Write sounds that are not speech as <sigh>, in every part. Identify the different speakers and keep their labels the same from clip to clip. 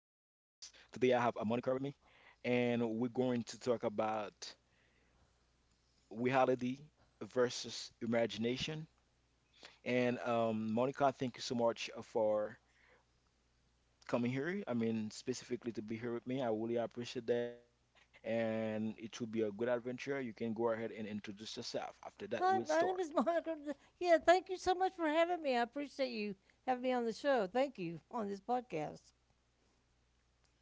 Speaker 1: I have a moniker with me, and we're going to talk about reality versus imagination. And Monica, thank you so much for coming here. I mean, specifically to be here with me, I really appreciate that, and it will be a good adventure. You can go ahead and introduce yourself. After that, we'll
Speaker 2: Hi, my
Speaker 1: start.
Speaker 2: name is <laughs> Monica. Yeah, thank you so much for having me. I appreciate you having me on the show. Thank you on this podcast.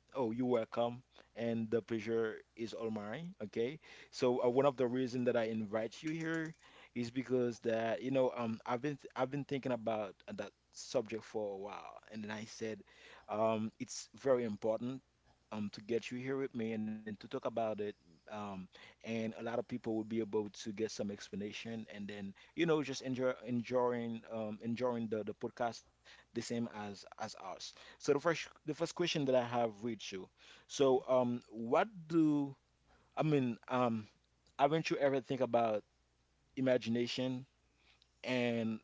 Speaker 1: Oh, you're welcome, and the pleasure is all mine. Okay, so one of the reason that I invite you here is because that you know I've been I've been thinking about that subject for a while, and then I said it's very important to get you here with me and then to talk about it um and a lot of people will be able to get some explanation and then you know just enjoying enjoying the podcast the same as us. So the first question that I have with you. So what do I mean, haven't you ever think about imagination and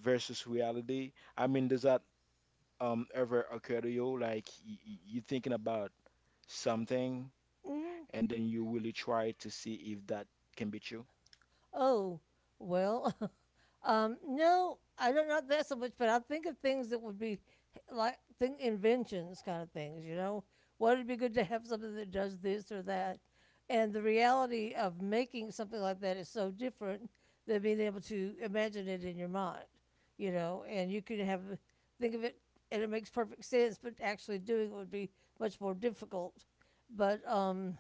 Speaker 1: versus reality? I mean does that ever occur to you like you thinking about something
Speaker 2: hmm
Speaker 1: and then you really try to see if that can be true?
Speaker 2: Oh, well, <laughs> no, I don't not that so much, but I think of things that would be like think inventions kind of things, What would be good to have something that does this or that. And the reality of making something like that is so different than being able to imagine it in your mind, you know, and you can have think of it and it makes perfect sense, but actually doing it would be much more difficult. But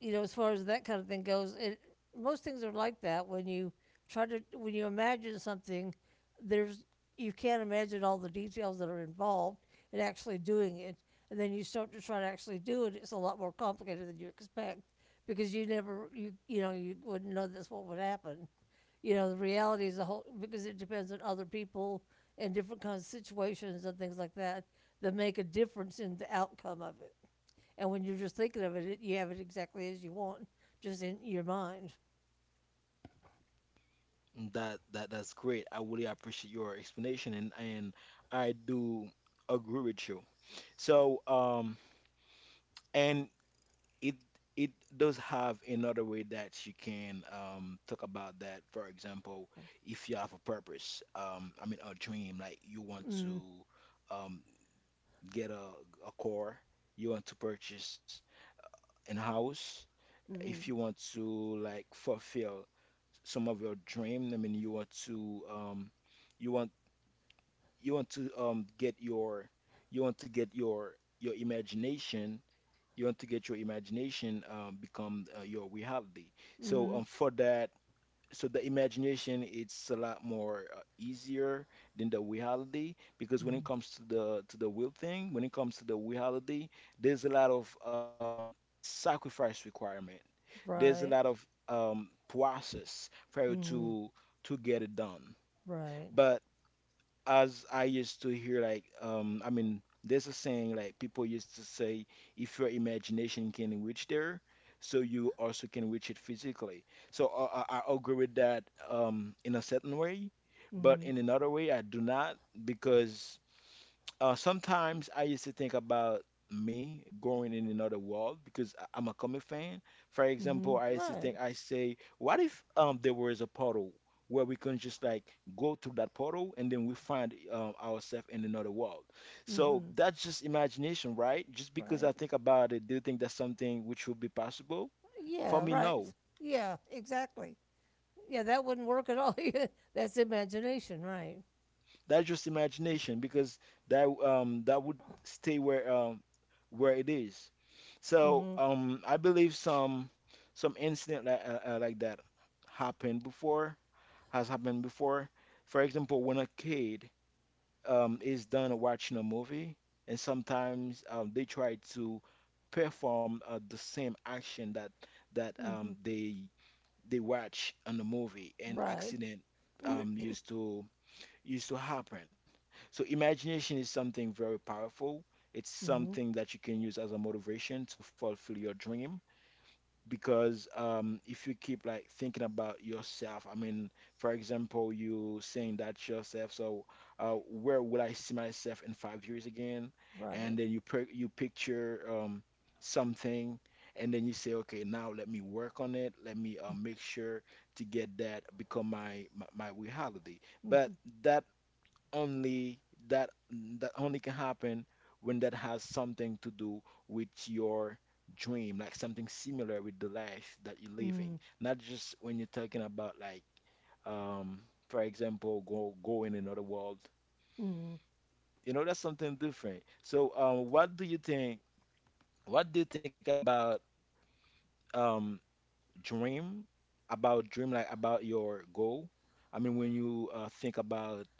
Speaker 2: you know, as far as that kind of thing goes, it most things are like that when you try to when you imagine something, there's you can't imagine all the details that are involved in actually doing it, and then you start to try to actually do it. It's a lot more complicated than you expect because you you know you wouldn't know this what would happen. You know, the reality is the whole because it depends on other people and different kinds of situations and things like that that make a difference in the outcome of it. And when you're just thinking of it, you have it exactly as you want, just in your mind.
Speaker 1: That's great. I really appreciate your explanation and I do agree with you. So and it it does have another way that you can talk about that. For example, if you have a purpose, I mean a dream, like you want
Speaker 2: Mm,
Speaker 1: to um, get a car, you want to purchase an house, if you
Speaker 2: mm,
Speaker 1: want to like fulfill some of your dream, I mean you want to you want you want to get your you want to get your your imagination you want to get your imagination become your reality. So
Speaker 2: mm,
Speaker 1: for that, so the imagination it's a lot more easier than the reality because when it
Speaker 2: mm,
Speaker 1: comes to the will thing, when it comes to the reality, there's a lot of sacrifice requirement. There's a
Speaker 2: right,
Speaker 1: lot of process for you
Speaker 2: mm,
Speaker 1: to get it done.
Speaker 2: right,
Speaker 1: But as I used to hear, like, there's a saying like people used to say, if your imagination can reach there, so you also can reach it physically. So I agree with that in a certain way, but in
Speaker 2: mm,
Speaker 1: another way, I do not because sometimes I used to think about me growing in another world because I'm a comic fan. For example,
Speaker 2: mm,
Speaker 1: I used to think,
Speaker 2: right,
Speaker 1: I say, what if there was a portal where we can just like go through that portal and then we find ourselves in another world? So
Speaker 2: mm,
Speaker 1: that's just imagination, right? Just because I
Speaker 2: right.
Speaker 1: think about it, do you think that's something which would be possible? For
Speaker 2: Yeah,
Speaker 1: me,
Speaker 2: right.
Speaker 1: no.
Speaker 2: Yeah, exactly. Yeah, that wouldn't work at all. <laughs> That's imagination, right?
Speaker 1: That's just imagination because that would stay where where it is. So
Speaker 2: Mm-hmm,
Speaker 1: I believe some incident like that happened before, has happened before. For example, when a kid is done watching a movie and sometimes they try to perform the same action that that
Speaker 2: mm-hmm,
Speaker 1: um they watch on the movie and
Speaker 2: right,
Speaker 1: accident
Speaker 2: <clears throat>
Speaker 1: used to used to happen. So imagination is something very powerful. It's
Speaker 2: mm-hmm,
Speaker 1: something that you can use as a motivation to fulfill your dream because if you keep like thinking about yourself, I mean, for example, you saying that to yourself, so where will I see myself in 5 years again?
Speaker 2: right,
Speaker 1: And then you picture something, and then you say, okay, now let me work on it. Let me make sure to get that become my reality. But that only that that only can happen when that has something to do with your dream, like something similar with the life that you're
Speaker 2: mm-hmm,
Speaker 1: living. Not just when you're talking about like um for example go in another world.
Speaker 2: mm-hmm.
Speaker 1: You know, that's something different. So what do you think about um dream? About dream like about your goal? I mean when you think about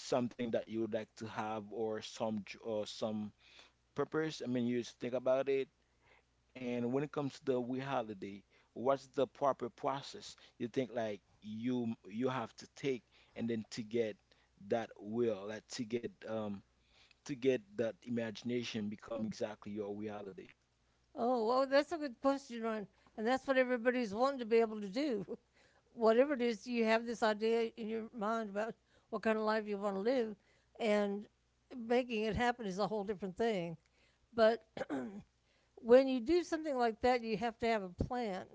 Speaker 1: something that you would like to have or some purpose. I mean, you just think about it. And when it comes to the we holiday, what's the proper process? You think like you have to take and then to get that will, like to get that imagination become exactly your reality.
Speaker 2: Oh, well, that's a good question, Ron. And that's what everybody's wanting to be able to do. <laughs> Whatever it is, you have this idea in your mind about what kind of life you want to live, and making it happen is a whole different thing. But <clears throat> when you do something like that, you have to have a plan.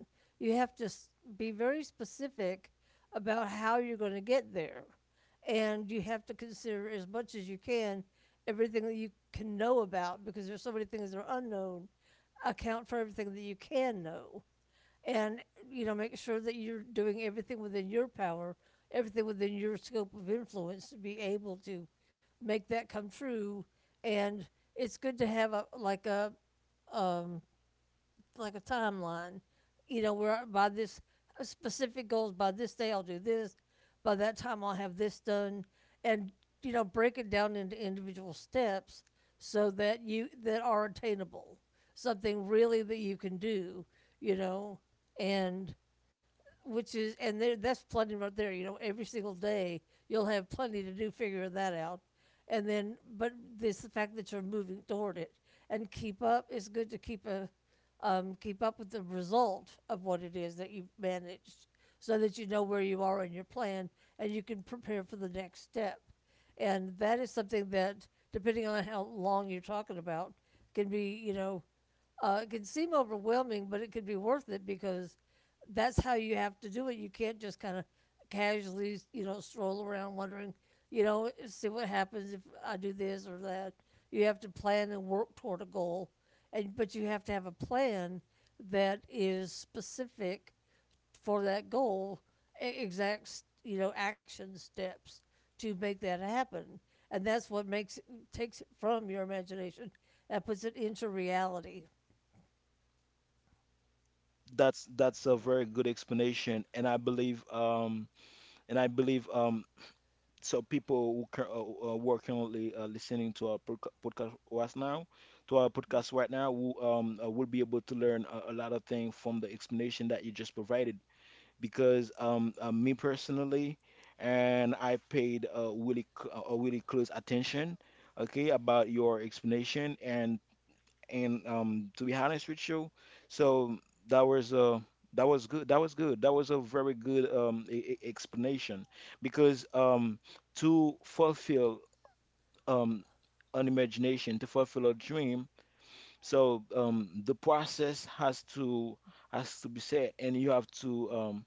Speaker 2: You have to be very specific about how you're going to get there. And you have to consider as much as you can everything that you can know about because there's so many things that are unknown account for everything that you can know and you know make sure that you're doing everything within your power everything within your scope of influence to be able to make that come true and it's good to have a like a um like a timeline. You know, we're by this specific goals, by this day I'll do this, by that time I'll have this done, and you know, break it down into individual steps so that you that are attainable, something really that you can do. You know, and which is and there that's plenty right there. You know, every single day you'll have plenty to do figuring that out, and then but this the fact that you're moving toward it and keep up. It's good to keep a keep up with the result of what it is that you've managed, so that you know where you are in your plan and you can prepare for the next step. And that is something that, depending on how long you're talking about, can be you know it can seem overwhelming, but it could be worth it because that's how you have to do it. You can't just kind of casually, you know, stroll around wondering, you know, see what happens if I do this or that. You have to plan and work toward a goal, and but you have to have a plan that is specific for that goal, exact, you know, action steps to make that happen, and that's what makes takes it from your imagination and puts it into reality.
Speaker 1: That's a very good explanation, and I believe um, so people who can, were currently listening to our podcast right now, to our podcast right now, will be able to learn a lot of things from the explanation that you just provided. Because me personally, and I paid really really close attention, okay, about your explanation, and to be honest with you so that was uh that was good that was good that was a very good explanation because to fulfill um an imagination to fulfill a dream so the process has to be set and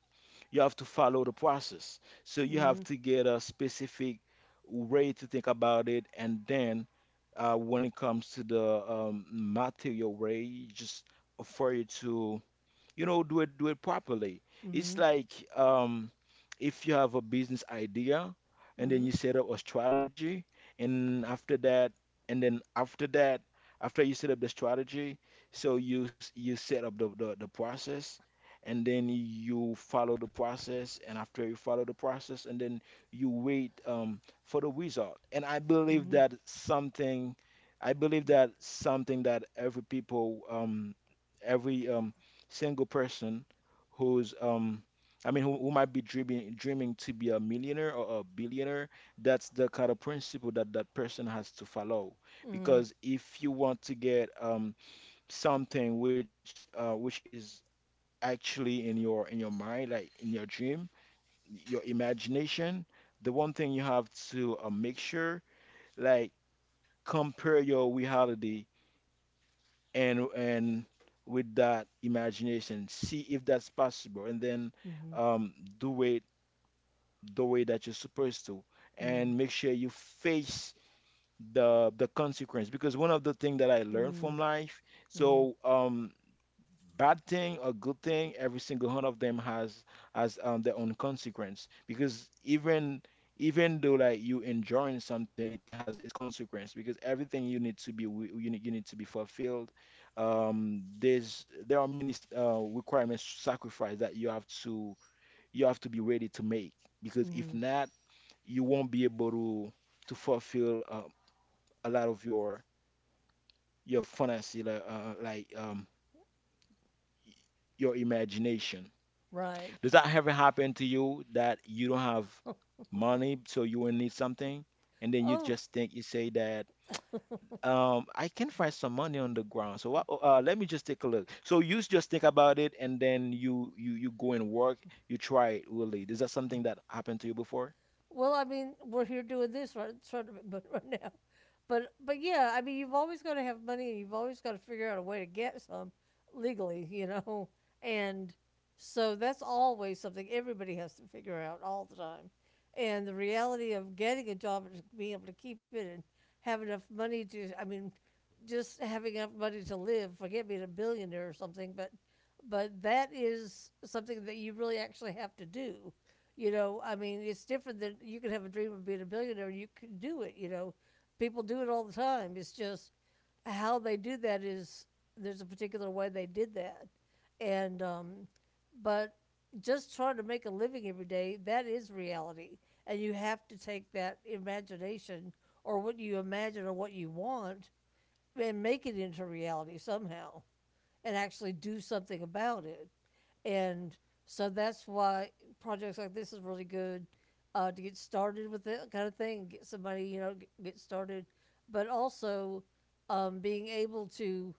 Speaker 1: you have to follow the process. So you have
Speaker 2: Mm,
Speaker 1: to get a specific way to think about it, and then when it comes to the material way, just for you to you know do it properly it's
Speaker 2: mm,
Speaker 1: like if you have a business idea and then you
Speaker 2: mm,
Speaker 1: set up a strategy and after that and then after that after you set up the strategy so you set up the process and then you follow the process and after you follow the process and then you wait for the result. And i believe
Speaker 2: mm,
Speaker 1: that
Speaker 2: mm,
Speaker 1: something i believe that something that every people every single person who's who might be dreaming dreaming to be a millionaire or a billionaire, that's the kind of principle that that person has to follow.
Speaker 2: mm,
Speaker 1: Because if you want to get something which is actually in your mind, like in your dream, your imagination, the one thing you have to make sure like compare your reality and with that imagination, see if that's possible, and then um, do it the way that you're supposed to,
Speaker 2: mm,
Speaker 1: and make sure you face the consequence. Because one of the things that I learned from
Speaker 2: mm,
Speaker 1: life,
Speaker 2: mm,
Speaker 1: so bad thing or good thing, every single one of them has their own consequence. Because even though like you enjoying something, it has its consequence. Because everything you need to be you need to be fulfilled. There are many requirements, sacrifice that you have to be ready to make. Because if
Speaker 2: mm.
Speaker 1: not, you won't be able to fulfill a lot of your fantasy, like your imagination.
Speaker 2: Right.
Speaker 1: Does that ever happen to you that you don't have
Speaker 2: <laughs>
Speaker 1: money, so you will need something, and then you
Speaker 2: Oh.
Speaker 1: just think you say that
Speaker 2: <laughs>
Speaker 1: I can find some money on the ground, so what, let me just take a look. So you just think about it, and then you go and work, you try it really. Is that something that happened to you before?
Speaker 2: Well, I mean, we're here doing this right, sort of, but <laughs> right now, but yeah, I mean, you've always got to have money, and you've always got to figure out a way to get some legally, you know, and so that's always something everybody has to figure out all the time, and the reality of getting a job and being able to keep it and have enough money to, I mean, just having enough money to live. Forget being a billionaire or something, but that is something that you really actually have to do. You know, I mean, it's different than you could have a dream of being a billionaire and you can do it. You know, people do it all the time. It's just how they do that is there's a particular way they did that, and but just trying to make a living every day that is reality, and you have to take that imagination or what you imagine or what you want and make it into reality somehow and actually do something about it and so that's why projects like this is really good to get started with that kind of thing, get somebody you know get started, but also being able to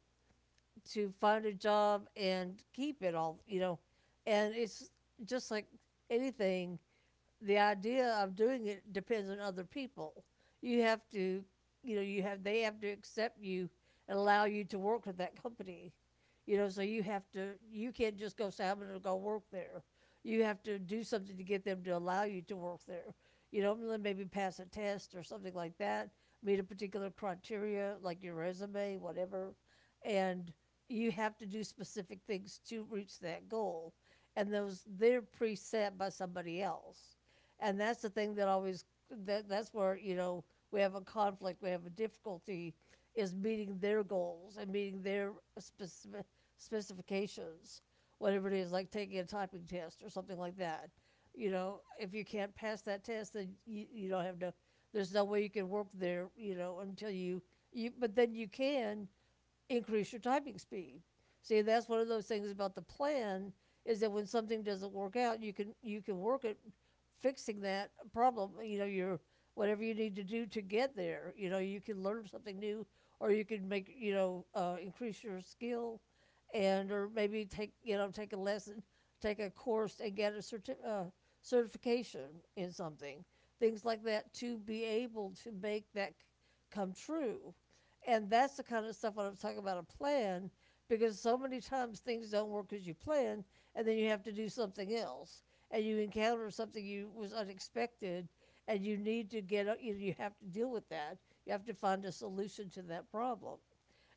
Speaker 2: find a job and keep it all you know, and it's just like anything, the idea of doing it depends on other people. You have to, you know, you have they have to accept you and allow you to work with that company. You know, so you have to, you can't just go say, I'm going to go work there. You have to do something to get them to allow you to work there. You know, maybe pass a test or something like that, meet a particular criteria, like your resume, whatever. And you have to do specific things to reach that goal. And those, they're preset by somebody else and that's the thing that always that's where you know we have a conflict, we have a difficulty is meeting their goals and meeting their specific specifications, whatever it is, like taking a typing test or something like that. You know, if you can't pass that test, then you don't have no. There's no way you can work there. You know, until you you. But then you can increase your typing speed. See, that's one of those things about the plan is that when something doesn't work out, you can work at fixing that problem. You know, your whatever you need to do to get there. You know, you can learn something new, or you can make you know increase your skill, and or maybe take you know take a lesson, take a course, and get a certification in something. Things like that to be able to make that come true. And that's the kind of stuff when I'm talking about a plan, because so many times things don't work as you plan, and then you have to do something else, and you encounter something you was unexpected, and you need to get you know, you have to deal with that. You have to find a solution to that problem.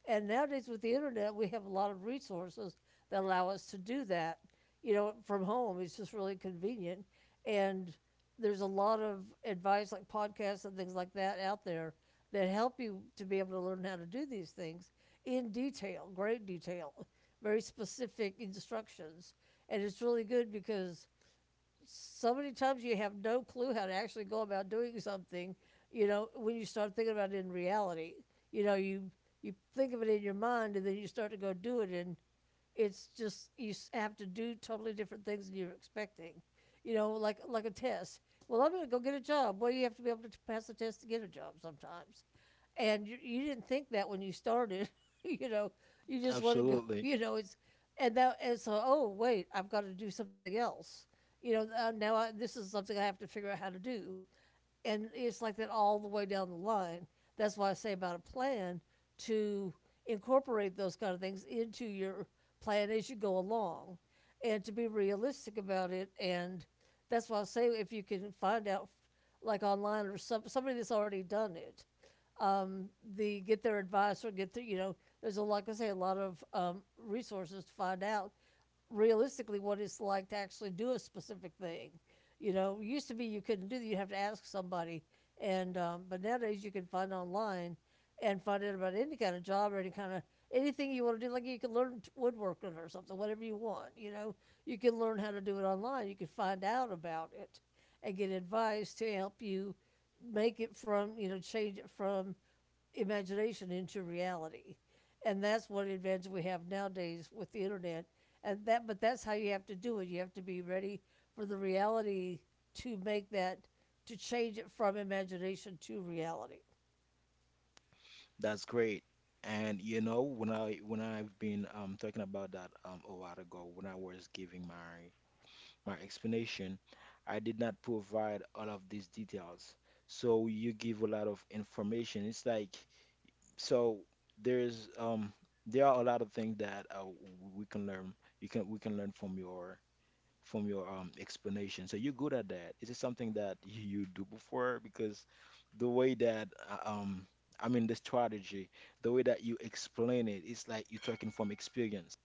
Speaker 2: And nowadays with the internet, we have a lot of resources that allow us to do that. You know, from home, it's just really convenient. And there's a lot of advice, like podcasts and things like that, out there that help you to be able to learn how to do these things in detail, great detail, very specific instructions. And it's really good because so many times you have no clue how to actually go about doing something you know when you start thinking about it in reality you know you think of it in your mind and then you start to go do it and it's just you have to do totally different things than you're expecting you know like a test well I'm going to go get a job well you have to be able to pass the test to get a job sometimes and you didn't think that when you started. <laughs> You know, you just want to go. <laughs>
Speaker 1: Absolutely,
Speaker 2: You know, it's and that and so oh wait, I've got to do something else. You know, now this is something I have to figure out how to do, and it's like that all the way down the line. That's why I say about a plan to incorporate those kind of things into your plan as you go along, and to be realistic about it. And that's why I say if you can find out, like online or somebody that's already done it, um, the get their advice or get their you know there's a like I say a lot of resources to find out realistically what it's like to actually do a specific thing. You know, it used to be you couldn't do that; you'd have to ask somebody, and but nowadays you can find online and find out about any kind of job or any kind of anything you want to do. Like you can learn woodworking or something, whatever you want. You know, you can learn how to do it online. You can find out about it and get advice to help you make it from change it from imagination into reality, and that's what advantage we have nowadays with the internet and that, but that's how you have to do it. You have to be ready for the reality to make that, to change it from imagination to reality.
Speaker 1: that's great. And you know, when I've been talking about that a while ago when I was giving my my explanation, I did not provide all of these details. So you give a lot of information. It's like so there's there are a lot of things that we can learn. You can we can learn from your explanation. So you're good at that. Is it something that <laughs> you do before? Because the way that the strategy, the way that you explain it, it's like you're talking from experience.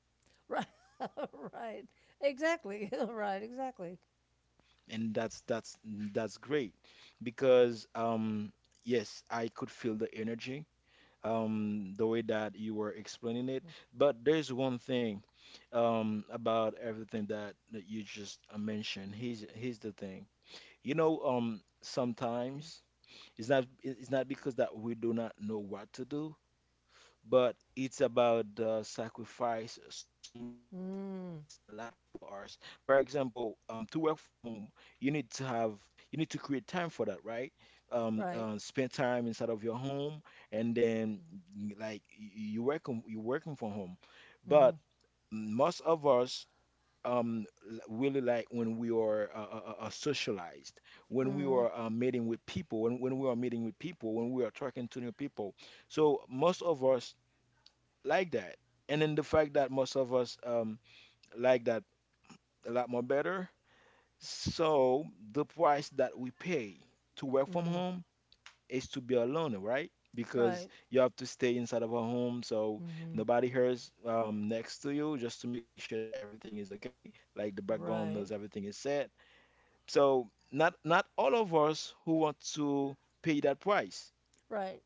Speaker 2: Right. <laughs> Right. Exactly. <laughs> Right, exactly.
Speaker 1: And that's great because yes, I could feel the energy, the way that you were explaining it. But there's one thing about everything that you just mentioned. Here's the thing. Sometimes it's not because that we do not know what to do, but it's about the sacrifice. Some of us think that it's
Speaker 2: mm,
Speaker 1: a lot for us, for example, to work from home. You need to have, you need to create time for that, right?
Speaker 2: right.
Speaker 1: Spend time inside of your home. And then you work, you working from home.
Speaker 2: Mm-hmm.
Speaker 1: But most of us, um really like when we are socialized, when we
Speaker 2: Mm-hmm.
Speaker 1: are meeting with people, when we are meeting with people, when we are talking to new people. So most of us like that. And then the fact that most of us, like that a lot more better. So the price that we pay to work from
Speaker 2: Mm-hmm.
Speaker 1: home is to be alone, right? Because
Speaker 2: Right.
Speaker 1: you have to stay inside of a home, so
Speaker 2: Mm-hmm.
Speaker 1: nobody hears next to you just to make sure that everything is okay, like the background knows
Speaker 2: Right.
Speaker 1: everything is set. So not all of us who want to pay that price.
Speaker 2: Right.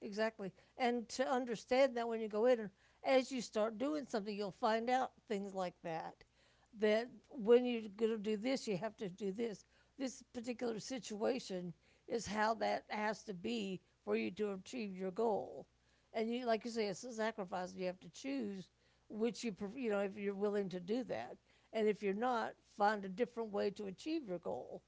Speaker 2: Exactly. And to understand that when you go in, and as you start doing something, you'll find out things like that. That when you're going to do this, you have to do this. This particular situation is how that has to be for you to achieve your goal. And you, like you say, it's a sacrifice. You have to choose which you, pref- if you're willing to do that. And if you're not, find a different way to achieve your goal,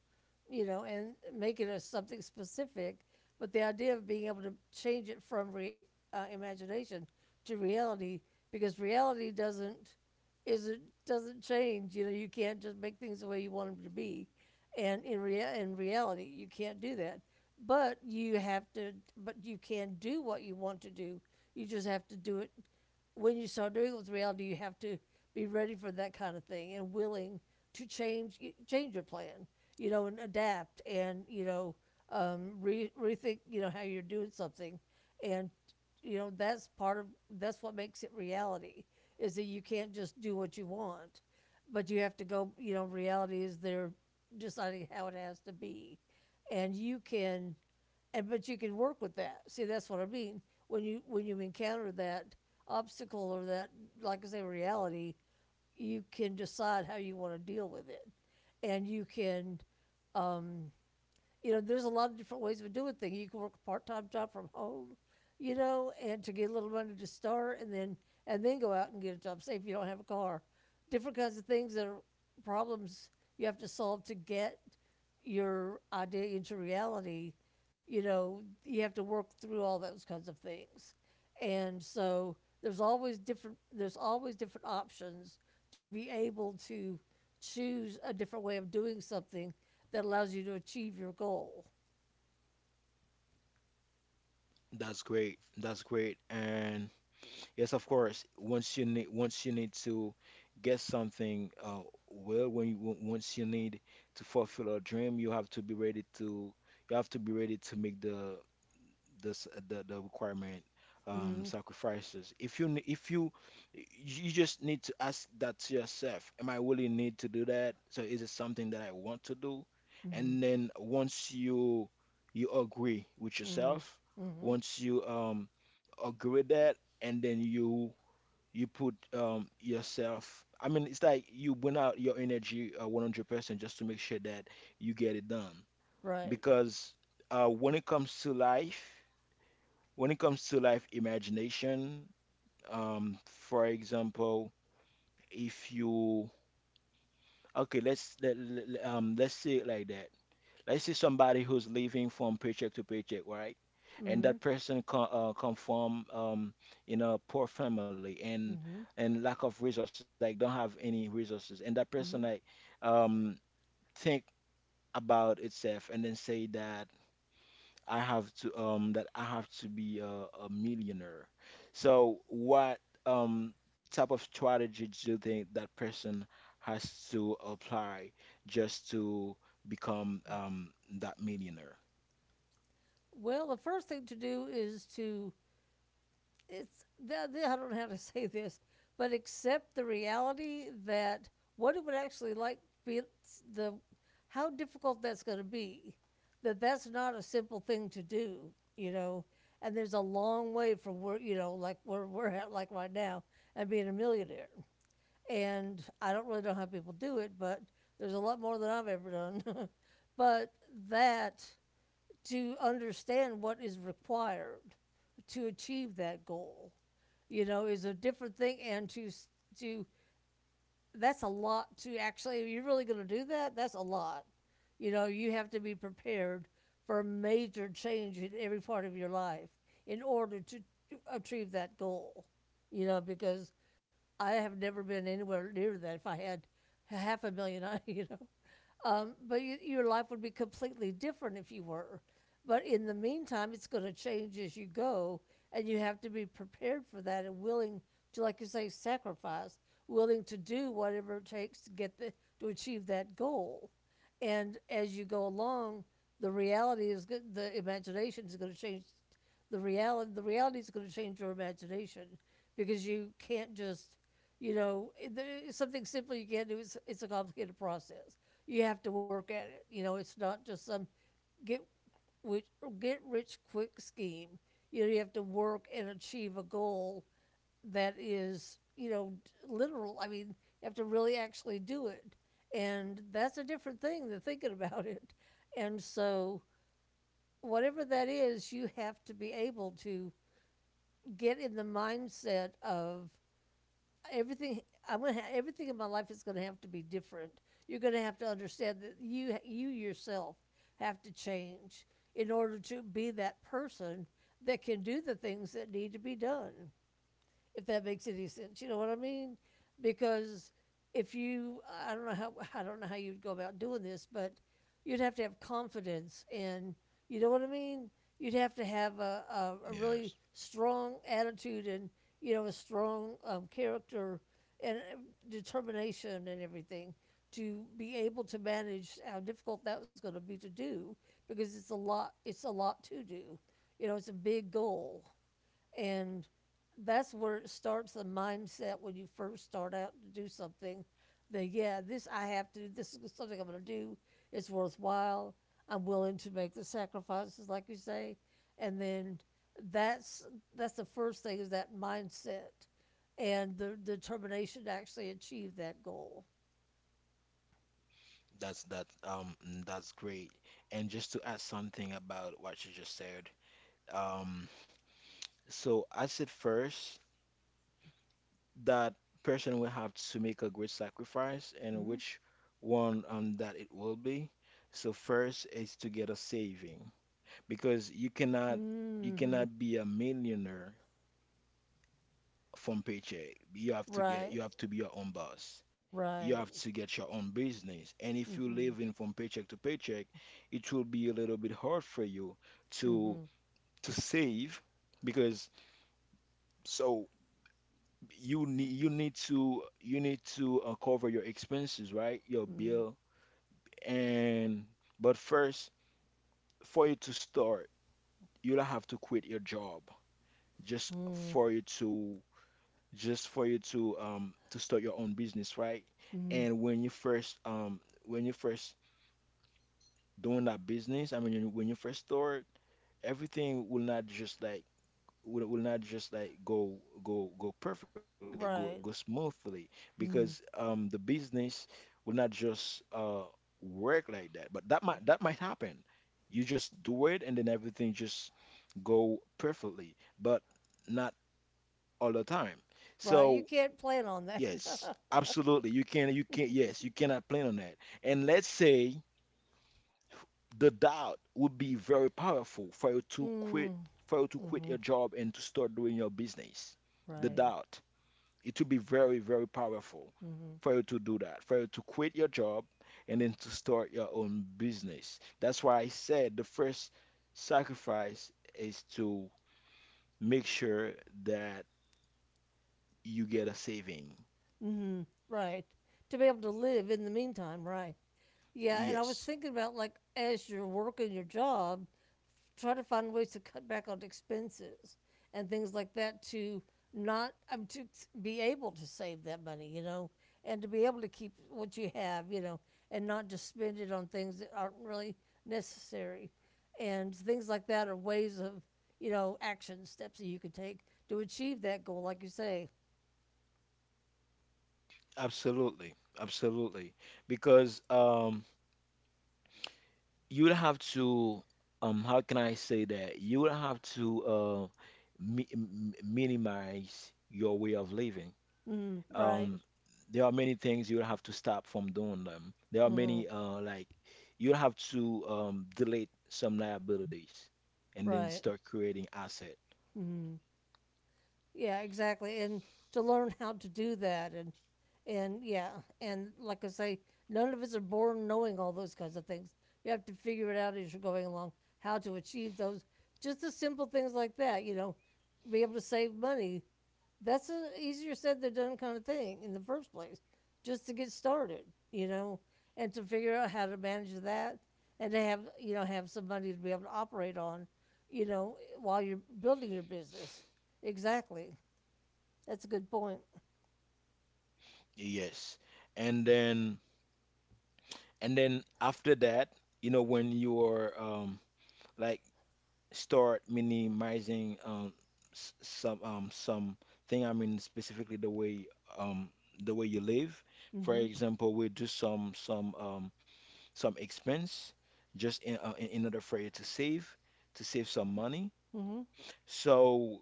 Speaker 2: you know, and make it a something specific. But the idea of being able to change it from re, imagination to reality, because reality doesn't change. You know, you can't just make things the way you want them to be, and in rea- in reality, you can't do that. But you have to. But you can do what you want to do. You just have to do it. When you start doing it with reality, you have to be ready for that kind of thing and willing to change, change your plan, you know, and adapt, and re- rethink how you're doing something, and you know that's part of, that's what makes it reality, is that you can't just do what you want, but you have to go. You know, reality is they're deciding how it has to be, and you can, and but you can work with that. See, that's what I mean. When you encounter that obstacle or that, like I say, reality, you can decide how you want to deal with it, and you can, you know, there's a lot of different ways of doing things. You can work a part-time job from home, you know, and to get a little money to start, and then, and then go out and get a job. Say if you don't have a car, different kinds of things that are problems you have to solve to get your idea into reality. You know, you have to work through all those kinds of things, and so there's always different. There's always different options to be able to choose a different way of doing something that allows you to achieve your goal.
Speaker 1: That's great. That's great. And yes, of course. Once you need to get something, well, once you need to fulfill a dream, you have to be ready to, you have to be ready to make the the requirement
Speaker 2: Mm-hmm.
Speaker 1: sacrifices. If you, you just need to ask that to yourself: am I really need to do that? So is it something that I want to do?
Speaker 2: Mm-hmm.
Speaker 1: And then once you, you agree with
Speaker 2: Mm-hmm.
Speaker 1: yourself,
Speaker 2: Mm-hmm.
Speaker 1: once you agree with that, and then you put yourself, I mean, it's like you burn out your energy 100% just to make sure that you get it done.
Speaker 2: Right.
Speaker 1: Because when it comes to life, when it comes to life imagination, for example, if you, okay, let's say it like that. Let's say somebody who's living from paycheck to paycheck, right? And
Speaker 2: Mm-hmm.
Speaker 1: that person come from in a poor family
Speaker 2: Mm-hmm.
Speaker 1: and lack of resources, like don't have any resources, and that person
Speaker 2: Mm-hmm.
Speaker 1: like um think about itself and then say that. I have to that I have to be a millionaire. So what um type of strategy do you think that person has to apply just to become that millionaire?
Speaker 2: Well, the first thing to do is to, it's, I don't know how to <laughs> say this, but accept the reality that what it would actually like be, the how difficult that's going to be. That's not a simple thing to do, you know. And there's a long way from, where you know, like where we're at, like right now, and being a millionaire. And I don't really know how people do it, but there's a lot more than I've ever done. <laughs> But that, to understand what is required to achieve that goal, you know, is a different thing, and to, that's a lot to actually. If you're really going to do that, that's a lot. You know, you have to be prepared for a major change in every part of your life in order to achieve that goal. You know, because I have never been anywhere near that. If I had half a million, <laughs> I you know, but you, your life would be completely different if you were. But in the meantime, it's going to change as you go, and you have to be prepared for that and willing to, like you say, sacrifice, willing to do whatever it takes to get the, to achieve that goal. And as you go along, the reality is, the imagination is going to change, the reality, the reality is going to change your imagination, because you can't just, you know there is something simple you can't do. It's a complicated process. You have to work at it. You know, it's not just some get, which, get rich quick scheme. You know, you have to work and achieve a goal that is, you know, literal. I mean, you have to really actually do it, and that's a different thing than thinking about it. And so, whatever that is, you have to be able to get in the mindset of everything. I'm gonna ha- everything in my life is gonna have to be different. You're gonna have to understand that you yourself have to change in order to be that person that can do the things that need to be done, if that makes any sense. You know what I mean? Because if you, I don't know how, I don't know how you'd go about doing this, but you'd have to have confidence, and you know what I mean. You'd have to have a really
Speaker 1: Yes,
Speaker 2: strong attitude, and you know, a strong character, and determination and everything to be able to manage how difficult that was going to be to do, because it's a lot. It's a lot to do. You know, it's a big goal. And that's where it starts, the mindset when you first start out to do something. That, yeah, this I have to do. This is something I'm going to do. It's worthwhile. I'm willing to make the sacrifices, like you say. And then that's that's the first thing, is that mindset and the determination to actually achieve that goal.
Speaker 1: that's that's great. And just to add something about what you just said, um so I said first that person will have to make a great sacrifice, and
Speaker 2: Mm-hmm.
Speaker 1: which one that it will be. So first is to get a saving, because you cannot, you
Speaker 2: Mm-hmm.
Speaker 1: cannot be a millionaire from paycheck. You have to get,
Speaker 2: Right,
Speaker 1: you have to be your own boss. You
Speaker 2: right.
Speaker 1: have to get your own business. And if you
Speaker 2: Mm-hmm.
Speaker 1: live in from paycheck to paycheck, it will be a little bit hard for you to
Speaker 2: Mm-hmm.
Speaker 1: to save. Because so you need, you need to cover your expenses, right? Your bill. And but first, for you to start, you'll have to quit your job just
Speaker 2: Mm-hmm. Mm-hmm.
Speaker 1: for you to, just for you to start your own business, right? And when you first, when you first doing that business, I mean when you first start, everything will not just like will not just like go, go perfectly, like go
Speaker 2: Right.
Speaker 1: smoothly, because
Speaker 2: Mm.
Speaker 1: the business will not just work like that. But that might, that might happen. You just do it, and then everything just go perfectly, but not all the time.
Speaker 2: Right. You
Speaker 1: So
Speaker 2: can't plan on that.
Speaker 1: yes,
Speaker 2: <laughs>
Speaker 1: absolutely, you can, yes, you cannot plan on that. And let's say the doubt would be very powerful for you to quit,
Speaker 2: mm,
Speaker 1: for you to quit
Speaker 2: hmm.
Speaker 1: your job and to start doing your business. The
Speaker 2: Right.
Speaker 1: doubt, it would be very, very powerful
Speaker 2: Hmm.
Speaker 1: for you to do that, for you to quit your job and then to start your own business. That's why I said the first sacrifice is to make sure that you get a saving.
Speaker 2: Hmm. Right. To be able to live in the meantime. Right. Yeah, and I was
Speaker 1: Yes,
Speaker 2: thinking about like as you're working your job, try to find ways to cut back on expenses and things like that to not to be able to save that money, you know, and to be able to keep what you have, you know, and not just spend it on things that aren't really necessary. And things like that are ways of, you know, action steps that you could take to achieve that goal, like you say.
Speaker 1: absolutely. Absolutely. Because you would have to how can I say that? You would have to minimize your way of living.
Speaker 2: Mm, right.
Speaker 1: Um, there are many things you would have to stop from doing them. There are
Speaker 2: Mm,
Speaker 1: many like you'll have to delete some liabilities and then
Speaker 2: right.
Speaker 1: start creating asset.
Speaker 2: Mm. Yeah, exactly. And to learn <laughs> how to do that, and yeah, and like I say, none of us are born knowing all those kinds of things. You have to figure it out as you're going along, how to achieve those. Just the simple things like that, you know, be able to save money. That's a easier said than done kind of thing in the first place, just to get started, you know, and to figure out how to manage that and to have have some money to be able to operate on, you know, while you're building your business. Exactly. That's a good point.
Speaker 1: Yes. And then, and then after that, you know, when you are like start minimizing some thing, I mean specifically um the way you live. For
Speaker 2: Mm-hmm.
Speaker 1: example, we do some some expense just in in order for you to save, to save some money.
Speaker 2: Mm-hmm.
Speaker 1: So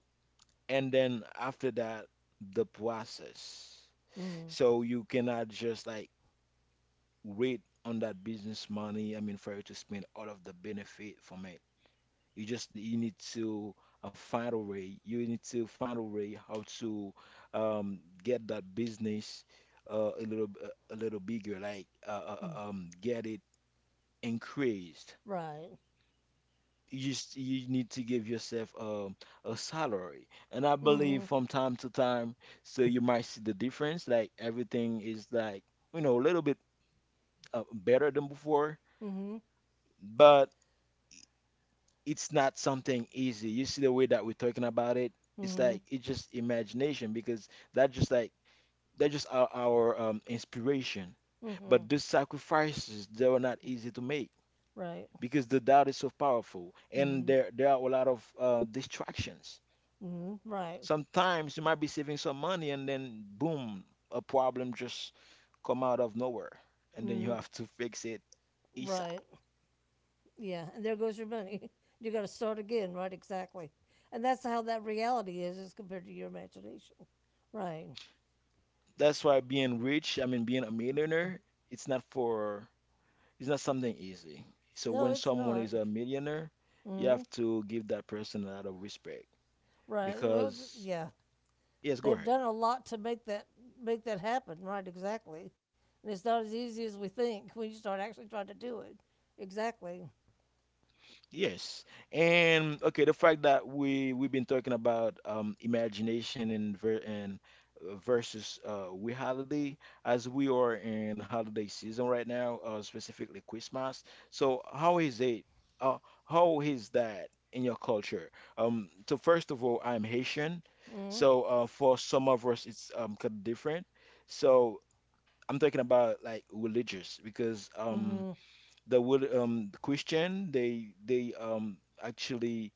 Speaker 1: and then after that the process.
Speaker 2: Mm-hmm.
Speaker 1: So you cannot just like wait on that business money, I mean for you to spend all of the benefit from it. You just, you need to find a way. You need to find a way how to get that business a little bigger, like get it increased.
Speaker 2: Right.
Speaker 1: You just, you need to give yourself a salary, and I
Speaker 2: Mm-hmm.
Speaker 1: believe from time to time, so you might see the difference. Like everything is like, you know, a little bit better than before,
Speaker 2: Mm-hmm.
Speaker 1: but it's not something easy. You see the way that we're talking about it, it's
Speaker 2: Mm-hmm.
Speaker 1: like it's just imagination because that just like that's just our inspiration.
Speaker 2: Mm-hmm.
Speaker 1: But these sacrifices, they were not easy to make,
Speaker 2: Right.
Speaker 1: because the doubt is so powerful and
Speaker 2: Mm-hmm.
Speaker 1: there are a lot of distractions.
Speaker 2: Mm-hmm. Right.
Speaker 1: Sometimes you might be saving some money and then boom, a problem just come out of nowhere, and then you
Speaker 2: Mm-hmm.
Speaker 1: have to fix it ASAP.
Speaker 2: Right. Yeah. And there goes your money. <laughs> You got to start again. Right. Exactly. And that's how that reality is, as compared to your imagination. Right.
Speaker 1: That's why being rich, I mean being a millionaire, it's not for, it's not something easy. So
Speaker 2: No,
Speaker 1: when
Speaker 2: it's
Speaker 1: someone
Speaker 2: not.
Speaker 1: is a millionaire, you
Speaker 2: Mm-hmm.
Speaker 1: have to give that person a lot of respect
Speaker 2: Right. Well, th-
Speaker 1: because,
Speaker 2: yeah.
Speaker 1: yes, go
Speaker 2: They've
Speaker 1: ahead.
Speaker 2: done a lot to make that, make that happen. Right, exactly. And it's not as easy as we think when you start actually trying to do it. Exactly.
Speaker 1: Yes. And okay, the fact that we, we've been talking about imagination and versus we holiday, as we are in holiday season right now, specifically Christmas. So how is it, uh how is that in your culture? Um, so first of all, I'm Haitian.
Speaker 2: Mm-hmm.
Speaker 1: So for some of us it's kind of different. So I'm talking about like religious, because
Speaker 2: Mm-hmm.
Speaker 1: the will the Christian, they actually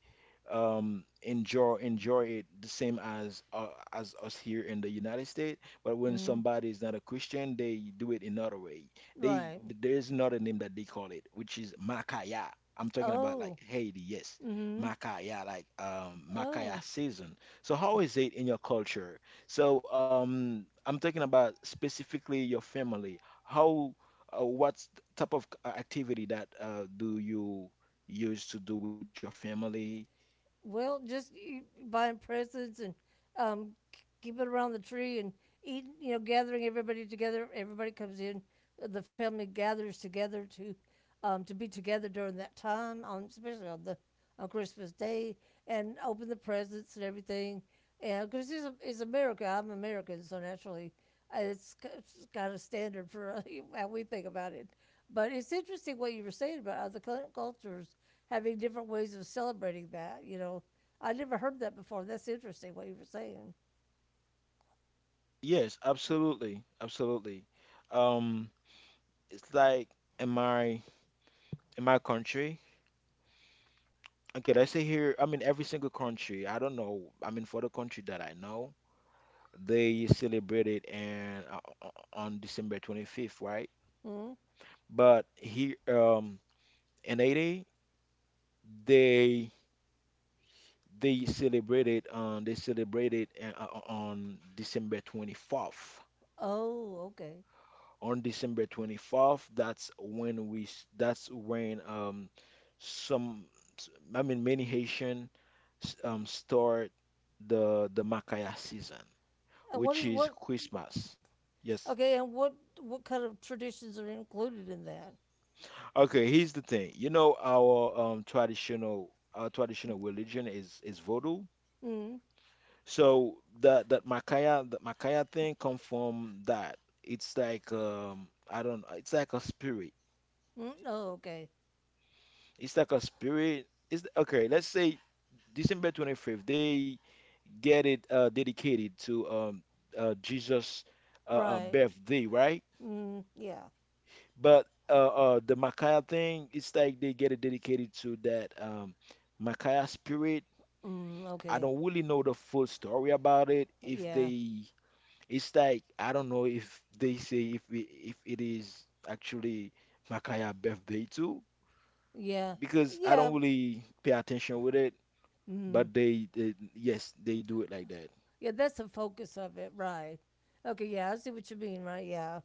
Speaker 1: enjoy it the same as us here in the United States. But when
Speaker 2: Mm-hmm.
Speaker 1: somebody is not a Christian, they do it another way. They,
Speaker 2: Right.
Speaker 1: there's another name that they call it, which is Makaya. I'm talking about like
Speaker 2: Oh.
Speaker 1: Haiti, yes.
Speaker 2: Mm-hmm.
Speaker 1: Makaya, like, Makaya
Speaker 2: Oh.
Speaker 1: season. So how is it in your culture? So, I'm talking about specifically your family. How, what's the type of activity that do you use to do with your family?
Speaker 2: Well, just you, buying presents and k- keeping around the tree and eating, you know, gathering everybody together. Everybody comes in. The family gathers together to be together during that time, on, especially on the on Christmas Day, and open the presents and everything. And because it's America, I'm American, so naturally it's c- it's got a standard for <laughs> how we think about it. But it's interesting what you were saying about other cultures having different ways of celebrating that. You know, I never heard that before. That's interesting what you were saying.
Speaker 1: Yes, absolutely, absolutely. Um, it's like in my, in my country. Okay, let's say here. I mean, every single country. I don't know. I mean, for the country that I know, they celebrate it and on December 25th, right?
Speaker 2: Hmm.
Speaker 1: But here, in Haiti, they, they celebrated on December 24th.
Speaker 2: Oh, okay.
Speaker 1: On December 24th, that's when that's when some s- I mean many Haitian start the Makaya season,
Speaker 2: And
Speaker 1: which
Speaker 2: what do you
Speaker 1: is
Speaker 2: what?
Speaker 1: Christmas. Yes.
Speaker 2: Okay, and what kind of traditions are included in that?
Speaker 1: Okay, here's the thing. You know, our traditional, our traditional religion is Vodou.
Speaker 2: Mm.
Speaker 1: So that Makaya, that Makaya thing come from that. It's like, um, I don't know. It's like a spirit.
Speaker 2: Hmm. Oh, okay.
Speaker 1: It's like a spirit. It's, okay, let's say December 25th. They get it dedicated to Jesus
Speaker 2: Right.
Speaker 1: birthday, right?
Speaker 2: Mm, yeah.
Speaker 1: But the Makaya thing, it's like they get it dedicated to that Makaya spirit.
Speaker 2: Mm,
Speaker 1: I
Speaker 2: okay.
Speaker 1: don't really know the full story about it. If
Speaker 2: Yeah.
Speaker 1: they, it's like I don't know if they say if it is actually Makaya birthday too,
Speaker 2: Yeah.
Speaker 1: because I
Speaker 2: Yeah.
Speaker 1: don't really pay attention with it.
Speaker 2: Mm,
Speaker 1: But they, yes, they do it like that.
Speaker 2: yeah, that's the focus of it, right? Okay, yeah, I see what you mean, right? Yeah.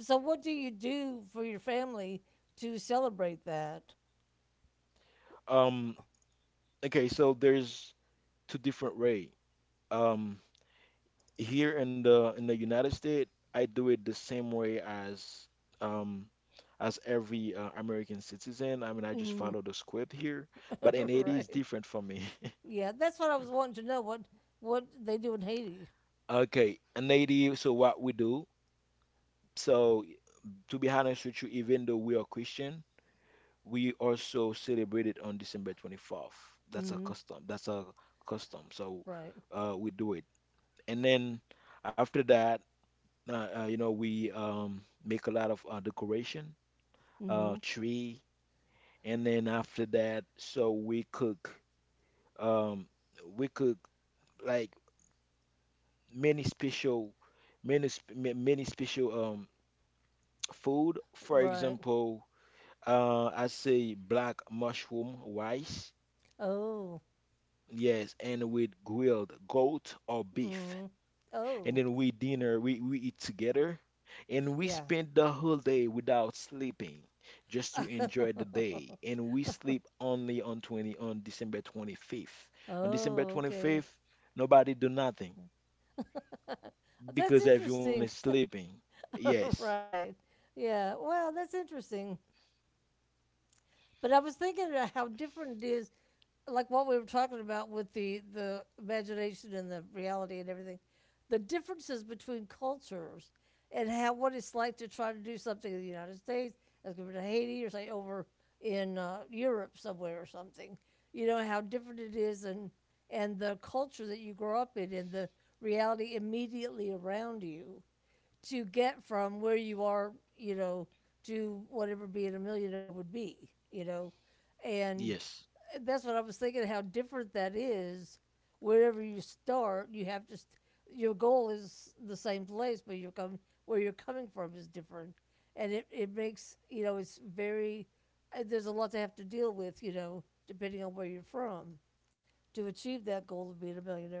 Speaker 2: So what do you do for your family to celebrate that?
Speaker 1: Um, okay, so there's two different way. Um, here in the, in the United States, I do it the same way um as every American citizen. I mean, I just
Speaker 2: Mm.
Speaker 1: follow the script here, but in
Speaker 2: <laughs>
Speaker 1: Haiti is
Speaker 2: Right.
Speaker 1: different for me. <laughs>
Speaker 2: Yeah, that's what I was wanting to know what they do in Haiti.
Speaker 1: Okay, in Haiti, so what we do? So, to be honest with you, even though we are Christian, we also celebrate it on December 24th. That's a
Speaker 2: Mm,
Speaker 1: custom. That's a custom. So,
Speaker 2: right.
Speaker 1: we do it. And then after that, you know, we make a lot of decoration,
Speaker 2: Mhm.
Speaker 1: tree. And then after that, so um, we cook like many special, many special food. For
Speaker 2: Right.
Speaker 1: example, I say black mushroom rice.
Speaker 2: Oh.
Speaker 1: Yes, and with grilled goat or beef.
Speaker 2: Mm. Oh.
Speaker 1: And then we dinner, we eat together, and we
Speaker 2: Yeah.
Speaker 1: spend the whole day without sleeping, just to enjoy the
Speaker 2: <laughs>
Speaker 1: day. And we sleep only on 20 on December 25th. On December
Speaker 2: Oh, okay.
Speaker 1: 25th, nobody do nothing
Speaker 2: <laughs> That's
Speaker 1: because everyone is
Speaker 2: interesting.
Speaker 1: sleeping.
Speaker 2: <laughs>
Speaker 1: Yes,
Speaker 2: Right. Yeah. Well, that's interesting. But I was thinking about how different it is, like what we were talking about with the imagination and the reality and everything, the differences between cultures and how what it's like to try to do something in the United States as compared to Haiti or say over in Europe somewhere or something. You know how different it is and the culture that you grow up in and the reality immediately around you to get from where you are, you know, to whatever being a millionaire would be. And
Speaker 1: yes.
Speaker 2: that's what I was thinking, how different that is. Wherever you start, you have to, your goal is the same place, but you're coming, where you're coming from is different. And it makes, it's very, there's a lot to have to deal with, you know, depending on where you're from to achieve that goal of being a millionaire.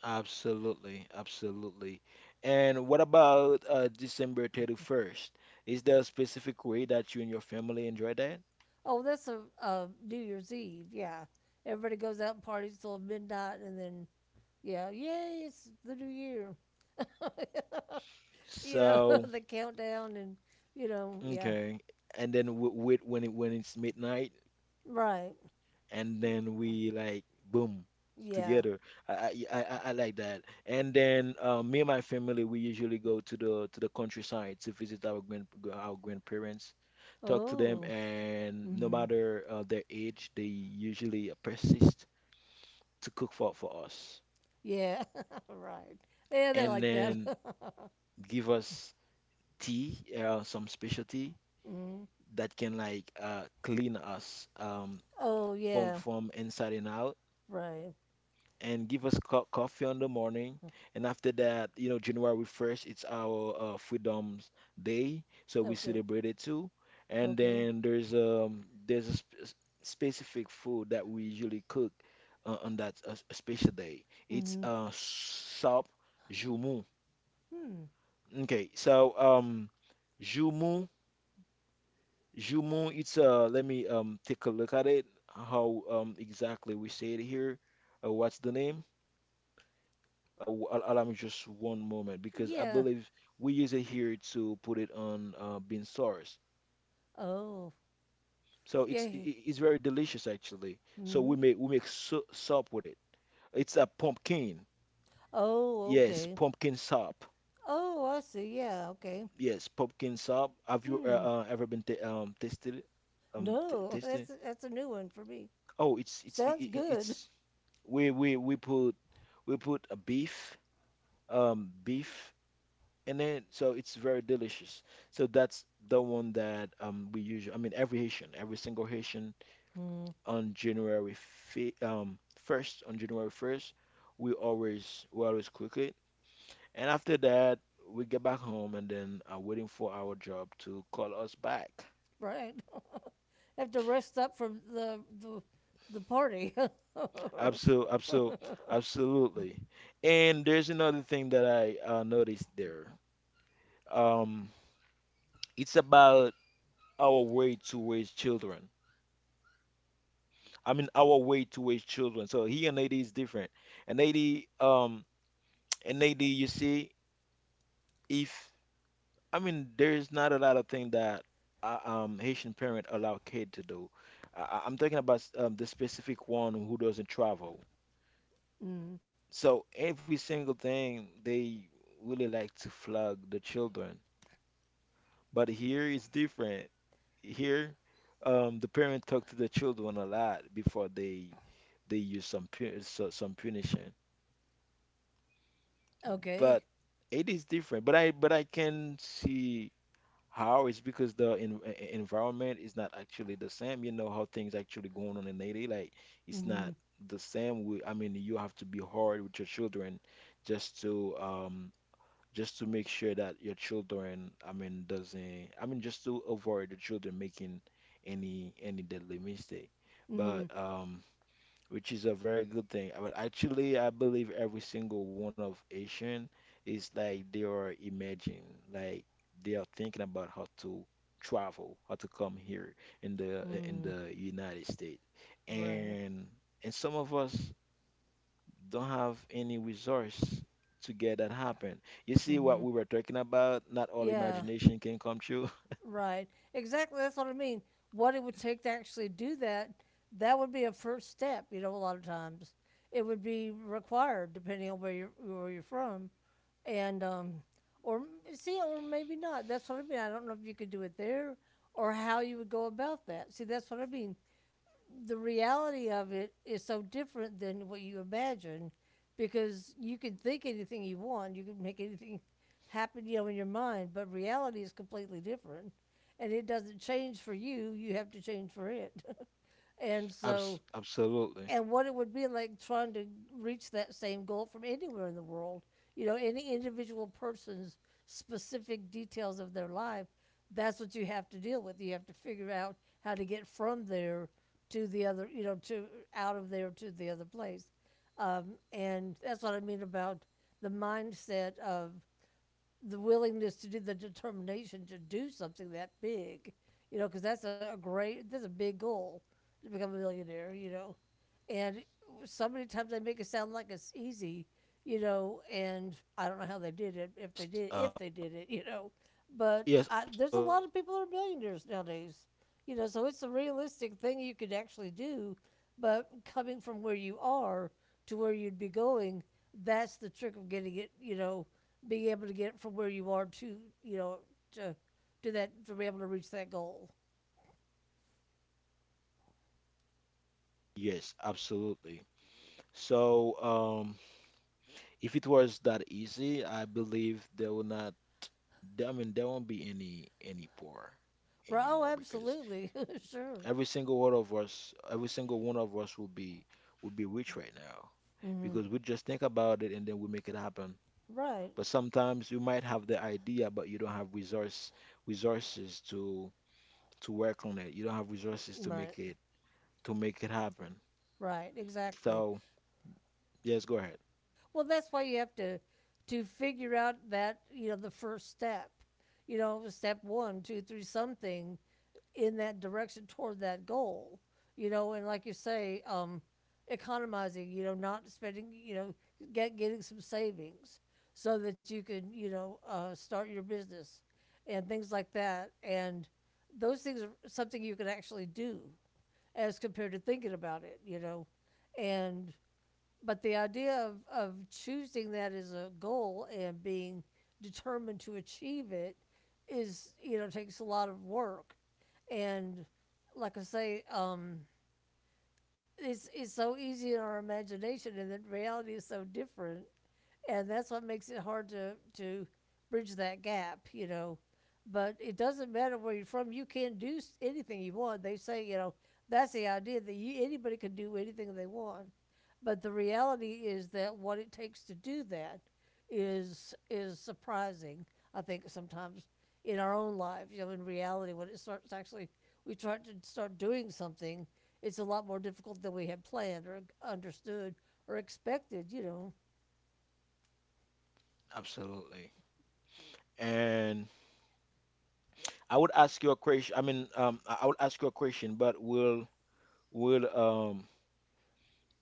Speaker 1: Absolutely, absolutely. And what about December 31st? Is there a specific way that you and your family enjoy that?
Speaker 2: Oh, that's a New Year's Eve. Yeah, everybody goes out and parties till midnight, and then yeah, yay, it's the new year. <laughs> <laughs>
Speaker 1: So,
Speaker 2: The countdown, and you know yeah,
Speaker 1: okay. And then w wait when it's midnight,
Speaker 2: right,
Speaker 1: and
Speaker 2: Y-
Speaker 1: then we like boom
Speaker 2: yeah.
Speaker 1: together. I like that. And then me and my family we usually go to the countryside to visit our grandparents, talk to them,
Speaker 2: Oh,
Speaker 1: and no
Speaker 2: mm-hmm.
Speaker 1: matter their age, they usually persist to cook for us
Speaker 2: Yeah, <laughs> right. Yeah, they're
Speaker 1: and
Speaker 2: like that.
Speaker 1: then
Speaker 2: <laughs>
Speaker 1: give us tea, some specialty
Speaker 2: Mm.
Speaker 1: that can like clean us
Speaker 2: Oh
Speaker 1: from
Speaker 2: yeah,
Speaker 1: from inside and out,
Speaker 2: right.
Speaker 1: and give us co coffee on the morning. And after that, January 1st, it's our Freedom's Day, so we
Speaker 2: Okay,
Speaker 1: celebrate it too. And
Speaker 2: okay.
Speaker 1: then there's a sp specific food that we usually cook on that special day. It's
Speaker 2: Mm-hmm.
Speaker 1: sop jumu.
Speaker 2: Hmm.
Speaker 1: Okay, so, Jumu, Jumu, it's let me take a look at it. How exactly we say it here? What's the name? Allow me just one moment because I
Speaker 2: Yeah.
Speaker 1: believe we use it here to put it on bean sauce.
Speaker 2: Oh
Speaker 1: So it's i-
Speaker 2: yeah.
Speaker 1: i- it's very delicious actually. So
Speaker 2: Mm-hmm.
Speaker 1: we make soup with it. It's a pumpkin.
Speaker 2: Oh,
Speaker 1: Yes,
Speaker 2: okay.
Speaker 1: pumpkin soup.
Speaker 2: Oh, I see. Yeah, okay.
Speaker 1: Yes, pumpkin soup. Have you
Speaker 2: Hmm.
Speaker 1: ever been t tasted it? T
Speaker 2: No, <laughs>
Speaker 1: tasted?
Speaker 2: that's a new one for me.
Speaker 1: Oh, it's
Speaker 2: Sounds
Speaker 1: I-
Speaker 2: good.
Speaker 1: it's we we we put we put a beef in it, so it's very delicious. So that's the one that we usually I mean every Haitian, every single Haitian
Speaker 2: Hmm.
Speaker 1: on January first, we always cook it, and after that we get back home and then are waiting for our job to call us back.
Speaker 2: Right. <laughs> Have to rest up from the party. <laughs>
Speaker 1: Absolutely, absolutely, absolutely. And there's another thing that I noticed there. Um, it's about our way to raise children. I mean, our way to raise children. So here and Haiti is different. And Haiti, um, in Haiti, you see, if I mean, there's not a lot of things that Haitian parent allow kid to do. I'm talking about the specific one who doesn't travel.
Speaker 2: Mm.
Speaker 1: So every single thing they really like to flog the children. But here it's different. Here, the parent talk to the children a lot before they use some punishing.
Speaker 2: Okay.
Speaker 1: But it is different. But I can see how it's because the environment is not actually the same. You know how things actually going on in Haiti. Like it's
Speaker 2: Hmm.
Speaker 1: not the same. I mean, you have to be hard with your children just to um just to make sure that your children, I mean, doesn't, I mean, just to avoid the children making any deadly mistake. But
Speaker 2: Hmm.
Speaker 1: which is a very good thing. But actually, I believe every single one of Asian is like they are imagining, like they are thinking about how to travel, how to come here in the in
Speaker 2: Hmm.
Speaker 1: the United States,
Speaker 2: Right.
Speaker 1: and and some of us don't have any resource to get that happen. You see what
Speaker 2: Hmm.
Speaker 1: we were talking about? Not all
Speaker 2: Yeah.
Speaker 1: imagination can come true.
Speaker 2: Right. Exactly. That's what I mean. What it would take to actually do that. That would be a first step. You know, a lot of times it would be required depending on where you're from and or see, or maybe not. That's what I mean. I don't know if you could do it there or how you would go about that. See, that's what I mean. The reality of it is so different than what you imagine because you can think anything you want, you can make anything <laughs> happen, you know, in your mind, but reality is completely different. And it doesn't change for you, you have to change for it. <laughs> And
Speaker 1: <laughs> Abs
Speaker 2: so
Speaker 1: absolutely.
Speaker 2: and what it would be like trying to reach that same goal from anywhere in the world. You know, any individual person's specific details of their life, that's what you have to deal with. You have to figure out how to get from there to the other, you know, to out of there to the other place. And that's what I mean about the mindset of the willingness to do the determination to do something that big, you know, because that's a great, that's a big goal to become a millionaire, you know. And so many times they make it sound like it's easy, you know, and I don't know how they did it,
Speaker 1: Yes.
Speaker 2: if they
Speaker 1: Um,
Speaker 2: did it, <laughs> you know. But
Speaker 1: yes,
Speaker 2: I, there's a
Speaker 1: absolutely.
Speaker 2: lot of people that are millionaires nowadays, you know, so it's a realistic thing you could actually do, but coming from where you are to where you'd be going, that's the trick of getting it, you know, being able to get it from where you are to, you know, to do that, to be able to reach that goal.
Speaker 1: Yes, absolutely. So, um, if it was that easy, I believe there will not, I mean, there won't be any poor
Speaker 2: Right. Oh,
Speaker 1: anymore because
Speaker 2: absolutely. <laughs> Sure.
Speaker 1: every single one of us, every single one of us will be rich right now
Speaker 2: Hmm.
Speaker 1: because we just think about it and then we make it happen.
Speaker 2: Right.
Speaker 1: But sometimes you might have the idea, but you don't have resources to work on it. You don't have resources to
Speaker 2: Right.
Speaker 1: make it to make it happen.
Speaker 2: Right. Exactly.
Speaker 1: So yes, go ahead.
Speaker 2: Well, that's why you have to figure out that you know the first step, you know, step one, two, three, something in that direction toward that goal, you know, and like you say, economizing, you know, not spending, you know, getting some savings so that you can, you know, start your business and things like that, and those things are something you can actually do as compared to thinking about it, you know, and but the idea of, choosing that as a goal and being determined to achieve it is, you know, takes a lot of work. And like I say, it's so easy in our imagination, and then reality is so different and that's what makes it hard to bridge that gap, you know. But it doesn't matter where you're from; you can do anything you want. They say, you know, that's the idea that you anybody can do anything they want, but the reality is that what it takes to do that is surprising. I think sometimes in our own lives, you know, in reality, when it starts actually we try to start doing something, it's a lot more difficult than we had planned or understood or expected, you know.
Speaker 1: Absolutely. And I would ask you a question. I mean, I would ask you a question, but we'll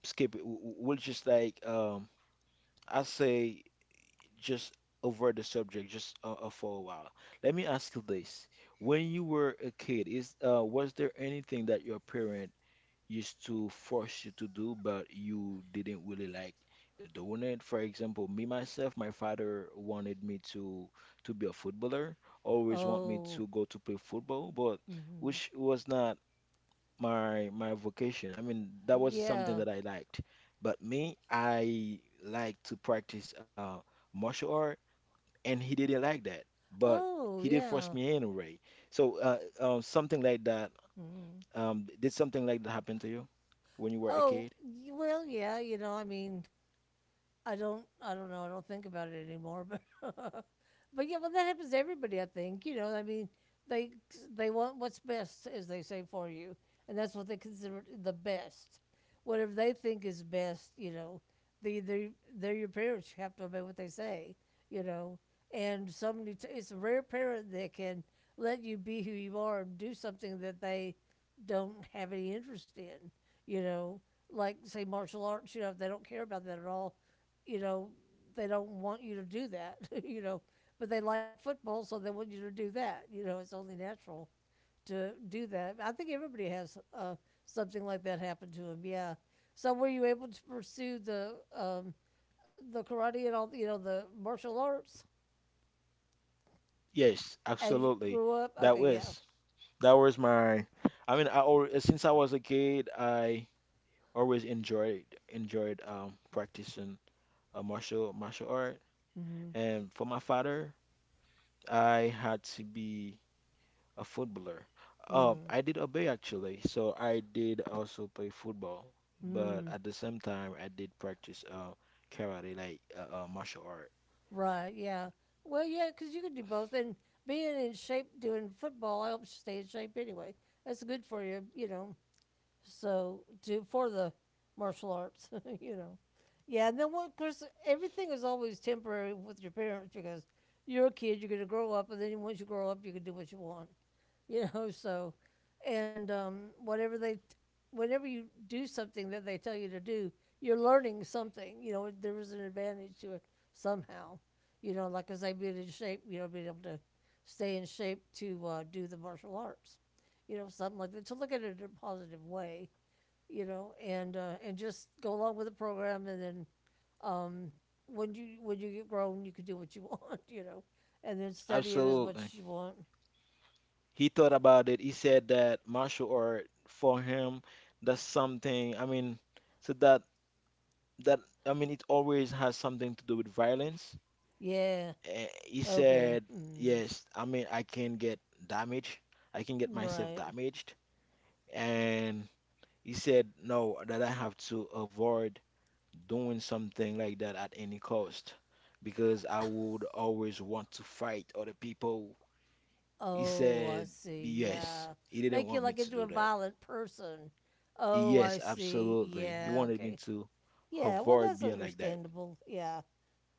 Speaker 1: skip it. We'll just like I say just over the subject just for a while. Let me ask you this: When you were a kid, is was there anything that your parent used to force you to do, but you didn't really like doing it. For example, me myself, my father wanted me to be a footballer, always want me
Speaker 2: Oh,
Speaker 1: to go to play football, but
Speaker 2: hmm.
Speaker 1: which was not my vocation. I mean, that was something
Speaker 2: Yeah.
Speaker 1: that I liked. But me, I like to practice martial art, and he didn't like that, but
Speaker 2: Oh,
Speaker 1: he did force
Speaker 2: yeah.
Speaker 1: me anyway. So something like that
Speaker 2: Mm.
Speaker 1: did something like that happen to you when you were a
Speaker 2: Oh,
Speaker 1: kid?
Speaker 2: well, yeah, you know, I mean, I don't know I don't think about it anymore, but <laughs> but yeah, well, that happens to everybody, I think, you know. I mean, they want what's best, as they say, for you, and that's what they consider the best, whatever they think is best, you know. they they they're your parents, you have to obey what they say, you know. And somebody it's a rare parent that can let you be who you are and do something that they don't have any interest in, you know, like say martial arts. You know, if they don't care about that at all, you know, they don't want you to do that, <laughs> you know, but they like football, so they want you to do that. You know, it's only natural to do that. I think everybody has something like that happen to them. Yeah. So were you able to pursue the karate and all, you know, the martial arts
Speaker 1: Yes,
Speaker 2: as you
Speaker 1: absolutely.
Speaker 2: grew up?
Speaker 1: That
Speaker 2: Okay, yeah.
Speaker 1: was that was my. I mean, I always, since I was a kid, I always enjoyed practicing a martial art.
Speaker 2: Mm-hmm.
Speaker 1: And for my father, I had to be a footballer. Um,
Speaker 2: Mm.
Speaker 1: I did obey actually, so I did also play football, but
Speaker 2: Mm.
Speaker 1: at the same time, I did practice karate, like martial art.
Speaker 2: Right. Yeah. Well, yeah, because you can do both, and being in shape doing football helps you stay in shape anyway. That's good for you, you know. So do for the martial arts, <laughs> you know. Yeah, and then what? Of course, everything is always temporary with your parents because you're a kid. You're going to grow up, and then once you grow up, you can do what you want, <laughs> you know. So, and whatever they, whenever you do something that they tell you to do, you're learning something. You know, there is an advantage to it somehow. You know, like I say, being in shape, you know, being able to stay in shape to do the martial arts. You know, something like that. To look at it in a positive way, you know, and just go along with the program, and then um, when you get grown, you can do what you want, <laughs> you know, and then study it as much
Speaker 1: Absolutely.
Speaker 2: as you want.
Speaker 1: He thought about it. He said that martial art for him, that's something. I mean, so that that I mean, it always has something to do with violence.
Speaker 2: Yeah.
Speaker 1: He
Speaker 2: Okay.
Speaker 1: said,
Speaker 2: Mm,
Speaker 1: yes. I mean, I can get damaged. I can get myself
Speaker 2: right.
Speaker 1: damaged. And he said, no, that I have to avoid doing something like that at any cost because I would always want to fight other people. He
Speaker 2: Oh, I
Speaker 1: said,
Speaker 2: see.
Speaker 1: yes.
Speaker 2: Yeah.
Speaker 1: He didn't
Speaker 2: Make you
Speaker 1: want me
Speaker 2: like
Speaker 1: to
Speaker 2: into a
Speaker 1: do that.
Speaker 2: violent person. Oh, I
Speaker 1: Yes,
Speaker 2: see.
Speaker 1: absolutely. You
Speaker 2: Yeah.
Speaker 1: wanted me
Speaker 2: Okay.
Speaker 1: to
Speaker 2: Yeah. Well,
Speaker 1: avoid
Speaker 2: that's
Speaker 1: being like that.
Speaker 2: understandable. Yeah.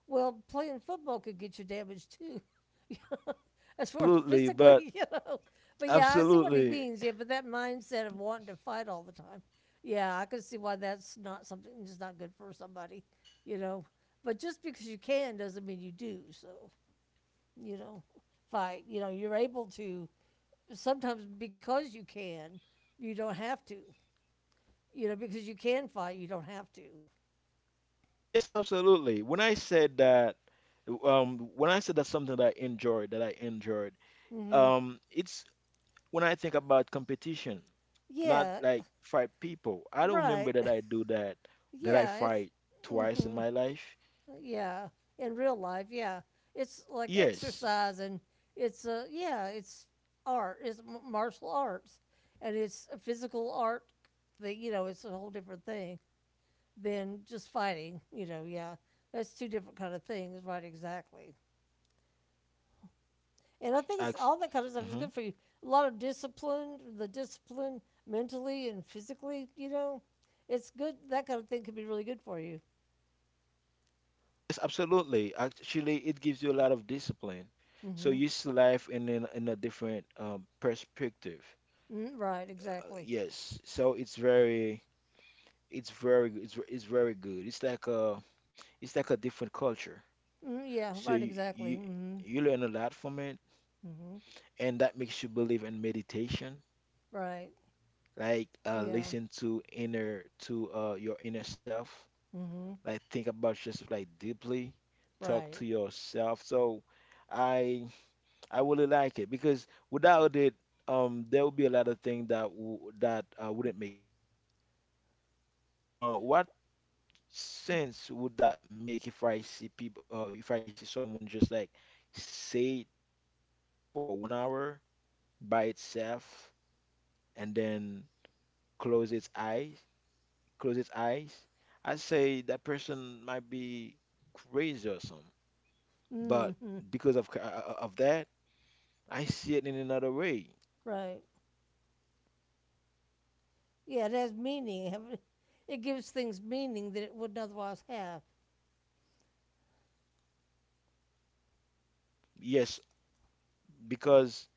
Speaker 2: Well, playing football could get you damaged too, <laughs> you know, as far as
Speaker 1: Absolutely, but
Speaker 2: physically, <laughs> you know. But yeah, I see what he
Speaker 1: absolutely.
Speaker 2: means. Yeah, but that mindset of wanting to fight all the time, yeah, I can see why that's not something that's not good for somebody, you know. But just because you can doesn't mean you do. So you know, fight. You know, you're able to sometimes, because you can, you don't have to. You know, because you can fight, you don't have to.
Speaker 1: Yes, absolutely. When I said that, when I said that something that I enjoyed,
Speaker 2: Hmm.
Speaker 1: it's when I think about competition, not
Speaker 2: Yeah,
Speaker 1: like fight people. I don't
Speaker 2: right.
Speaker 1: remember that
Speaker 2: <laughs>
Speaker 1: I do that, that I
Speaker 2: Yeah, it's.
Speaker 1: fight twice in
Speaker 2: Hmm.
Speaker 1: my life.
Speaker 2: Yeah, in real life, yeah. It's like
Speaker 1: Yes,
Speaker 2: exercise and it's yeah, it's art. It's martial arts, and it's a physical art that, you know, it's a whole different thing than just fighting, you know, yeah. That's two different kind of things, right, exactly. And I think it's
Speaker 1: I,
Speaker 2: all, that kind of stuff is good for you. A lot of discipline, the discipline mentally and physically, you know. It's good, that kind of thing can be really good for you.
Speaker 1: Yes, absolutely. Actually, it gives you a lot of discipline. So
Speaker 2: Mhm.
Speaker 1: you see life in a different perspective.
Speaker 2: Mm, right,
Speaker 1: Uh,
Speaker 2: exactly.
Speaker 1: yes. So it's very good. It's like a different culture.
Speaker 2: Mm, yeah,
Speaker 1: So
Speaker 2: right,
Speaker 1: you,
Speaker 2: exactly.
Speaker 1: you
Speaker 2: Mm-hmm.
Speaker 1: you learn a lot from it,
Speaker 2: Mm-hmm.
Speaker 1: and that makes you believe in meditation.
Speaker 2: Right.
Speaker 1: Like
Speaker 2: Yeah.
Speaker 1: listen to your inner self.
Speaker 2: Mm-hmm.
Speaker 1: Like think about yourself like deeply. Talk to
Speaker 2: Right.
Speaker 1: yourself. So I. I really like it because without it, there would be a lot of things that wouldn't make sense for me. For example, what sense would that make if I see people, if I see someone just like sit for one hour by itself and then close its eyes, close its eyes? I say that person might be crazy or something, but
Speaker 2: Mm-hmm.
Speaker 1: because of that, I see it in another way.
Speaker 2: Right. Yeah, it has meaning. Have It It gives things meaning that it wouldn't otherwise have.
Speaker 1: Yes, because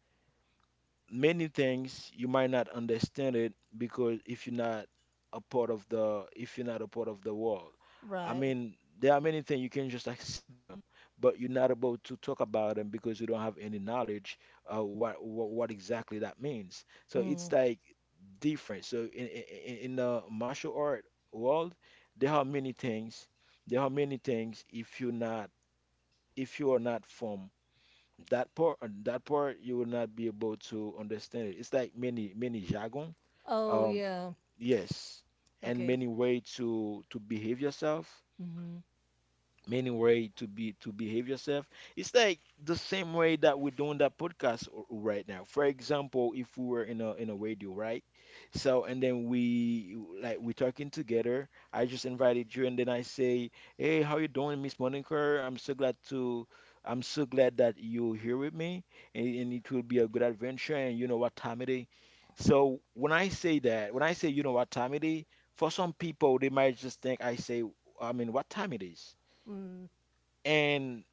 Speaker 1: many things you might not understand it because if you're not a part of the if you're not a part of the world. I
Speaker 2: Right.
Speaker 1: mean there are many things you can just like see them, but you're not about to talk about them because you don't have any knowledge what exactly that means. So it's
Speaker 2: Mm.
Speaker 1: like different. So in the martial art world there are many things there are many things. If you are not from that part you will not be able to understand it. It's like many jargon.
Speaker 2: Oh,
Speaker 1: Um,
Speaker 2: yeah.
Speaker 1: yes, and
Speaker 2: Okay.
Speaker 1: many way to behave yourself
Speaker 2: Mm-hmm.
Speaker 1: many way to be to behave yourself it's like the same way that we're doing that podcast right now. For example, if we were in a radio right. So and then we're talking together. I just invited you and then I say, hey, how you doing, Miss Monica? I'm so glad that you're here with me, and it will be a good adventure. And you know what time it is. So when I say you know what time it is, for some people they might just think I mean what time it is.
Speaker 2: Mm.
Speaker 1: and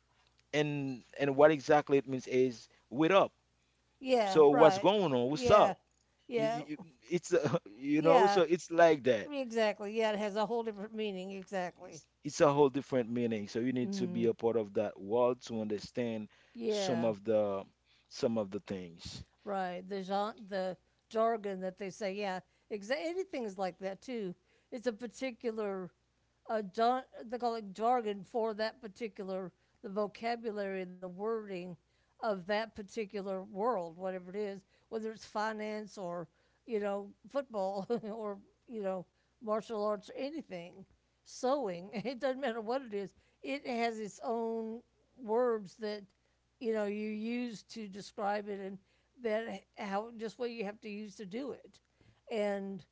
Speaker 1: and and what exactly it means is "What up?"
Speaker 2: Yeah,
Speaker 1: So what's
Speaker 2: right.
Speaker 1: going on? What's up?
Speaker 2: Yeah. Yeah.
Speaker 1: Y- y- <laughs> so
Speaker 2: Yeah.
Speaker 1: it's like that.
Speaker 2: Exactly. Yeah, it has a whole different meaning. Exactly.
Speaker 1: It's a whole different meaning. So you need to be
Speaker 2: Mm.
Speaker 1: a part of that world to understand some
Speaker 2: Yeah.
Speaker 1: of the some of the things.
Speaker 2: Right. The genre, the jargon that they say, yeah, anything's like that too. It's a particular, they call it jargon for that particular, the vocabulary and the wording of that particular world, whatever it is, whether it's finance or, you know, football <laughs> or, you know, martial arts or anything, sewing, <laughs> it doesn't matter what it is, it has its own words that you know you use to describe it and that how just what you have to use to do it and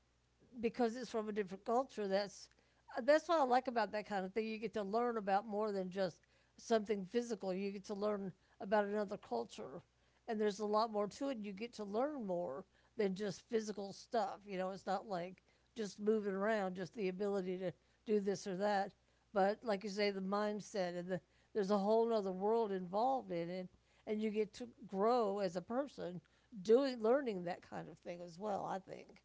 Speaker 2: because it's from a different culture. That's what I like about that kind of thing. You get to learn about more than just something physical. You get to learn about another culture, and there's a lot more to it. You get to learn more than just physical stuff. You know, it's not like just moving around, just the ability to do this or that. But like you say, the mindset and there's a whole other world involved in it, and you get to grow as a person doing learning that kind of thing as well, I think.